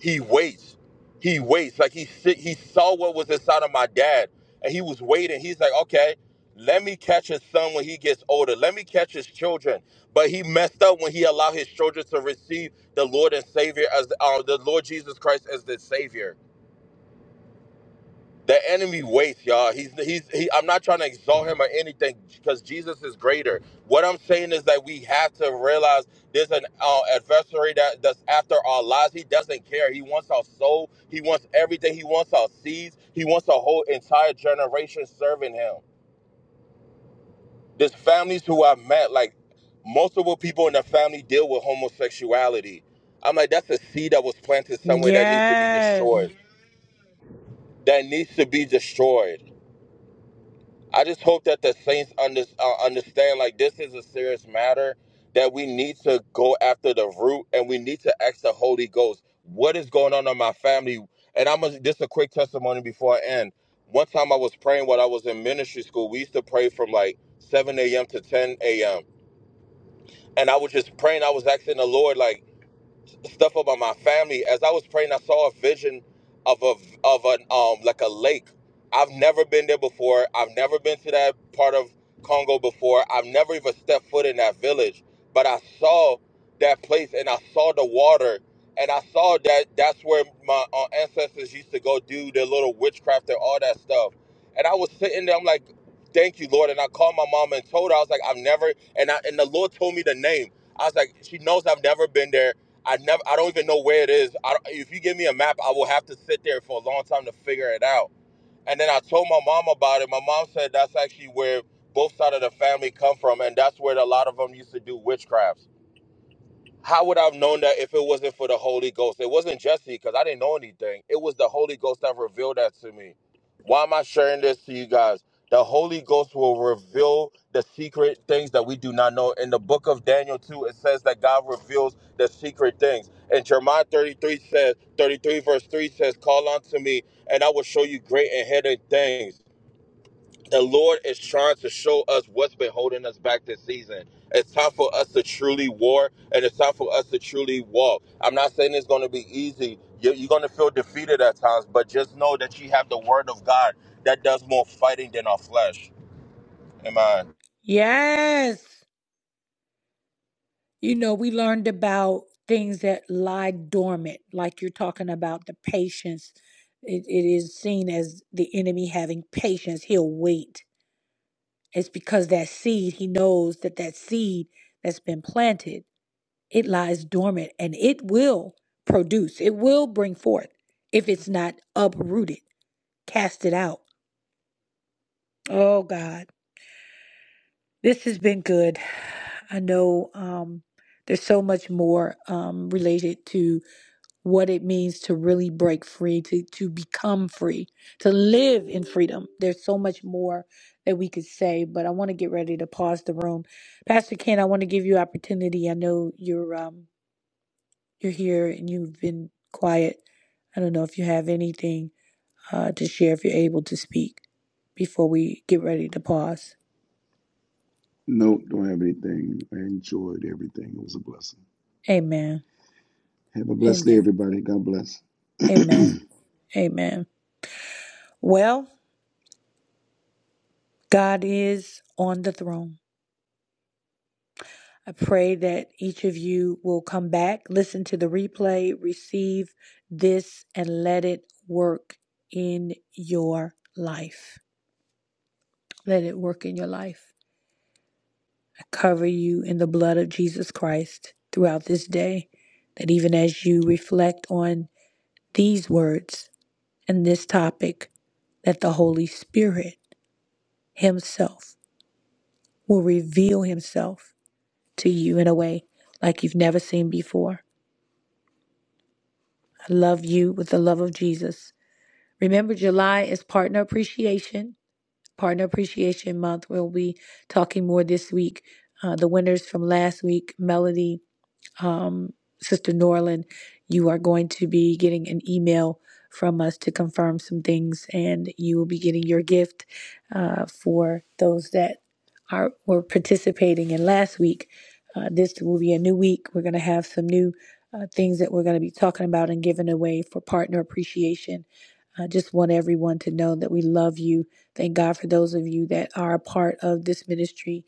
he waits. He waits. Like he sit, he saw what was inside of my dad, and he was waiting. He's like, okay, let me catch his son when he gets older. Let me catch his children. But he messed up when he allowed his children to receive the Lord and Savior as uh, the Lord Jesus Christ as the Savior. The enemy waits, y'all. He's he's. He, I'm not trying to exalt him or anything because Jesus is greater. What I'm saying is that we have to realize there's an uh, adversary that that's after our lives. He doesn't care. He wants our soul. He wants everything. He wants our seeds. He wants a whole entire generation serving him. There's families who I've met, like multiple people in the family deal with homosexuality. I'm like, that's a seed that was planted somewhere that needs to be
Yes.
destroyed. That needs to be destroyed I just hope that the Saints under, uh, understand like this is a serious matter that we need to go after the root and we need to ask the Holy Ghost what is going on in my family. And I'm a, just a quick testimony before I end. One time I was praying while I was in ministry school. We used to pray from like 7 a.m. to 10 a.m. And I was just praying. I was asking the Lord like stuff about my family. As I was praying, I saw a vision of a of an um like a lake. I've never been there before. I've never been to that part of Congo before. I've never even stepped foot in that village. But I saw that place and I saw the water and I saw that that's where my uh, ancestors used to go do their little witchcraft and all that stuff. And I was sitting there, I'm like, thank you, Lord. And I called my mom and told her, I was like, I've never, and I, and the Lord told me the name. I was like, she knows I've never been there. I never. I don't even know where it is. I don't, if you give me a map, I will have to sit there for a long time to figure it out. And then I told my mom about it. My mom said that's actually where both sides of the family come from, and that's where a lot of them used to do witchcrafts. How would I have known that if it wasn't for the Holy Ghost? It wasn't Jesse because I didn't know anything. It was the Holy Ghost that revealed that to me. Why am I sharing this to you guys? The Holy Ghost will reveal the secret things that we do not know. In the book of Daniel 2, it says that God reveals the secret things. And Jeremiah 33 says, 33 verse 3 says, Call unto me, and I will show you great and hidden things the Lord is trying to show us what's been holding us back this season. It's time for us to truly war and it's time for us to truly walk. I'm not saying it's going to be easy. You- You're going to feel defeated at times, but just know that you have the word of God that does more fighting than our flesh. Amen.
yes You know, we learned about things that lie dormant, like you're talking about the patience. It, it is seen as the enemy having patience. He'll wait. It's because that seed, he knows that that seed that's been planted, it lies dormant and it will produce, it will bring forth if it's not uprooted, cast it out. Oh, God. This has been good. I know um, there's so much more um, related to what it means to really break free, to, to become free, to live in freedom. There's so much more that we could say, but I want to get ready to pause the room. Pastor Ken, I want to give you opportunity. I know you're um you're here and you've been quiet. I don't know if you have anything uh, to share if you're able to speak before we get ready to pause.
no, don't have anything. I enjoyed everything. It was a blessing.
Amen.
Have a blessed day,
Amen.
everybody. God bless.
Amen. Amen. Well, God is on the throne. I pray that each of you will come back, listen to the replay, receive this, and let it work in your life. Let it work in your life. I cover you in the blood of Jesus Christ throughout this day, that even as you reflect on these words and this topic, that the Holy Spirit Himself will reveal Himself to you in a way like you've never seen before. I love you with the love of Jesus Remember, July is Partner Appreciation, Partner Appreciation Month. We'll be talking more this week. Uh, the winners from last week, Melody um, Sister Norlin, you are going to be getting an email from us to confirm some things, and you will be getting your gift uh, for those that are were participating in last week. Uh, this will be a new week. We're going to have some new uh, things that we're going to be talking about and giving away for partner appreciation. I just want everyone to know that we love you. Thank God for those of you that are a part of this ministry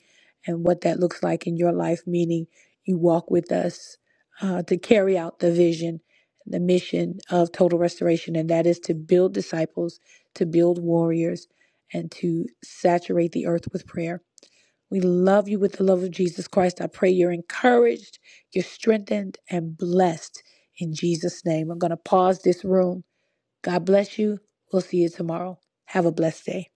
and what that looks like in your life, meaning you walk with us uh, to carry out the vision, the mission of total restoration, and that is to build disciples, to build warriors, and to saturate the earth with prayer. We love you with the love of Jesus Christ. I pray you're encouraged, you're strengthened, and blessed in Jesus' name. I'm going to pause this room. God bless you. We'll see you tomorrow. Have a blessed day.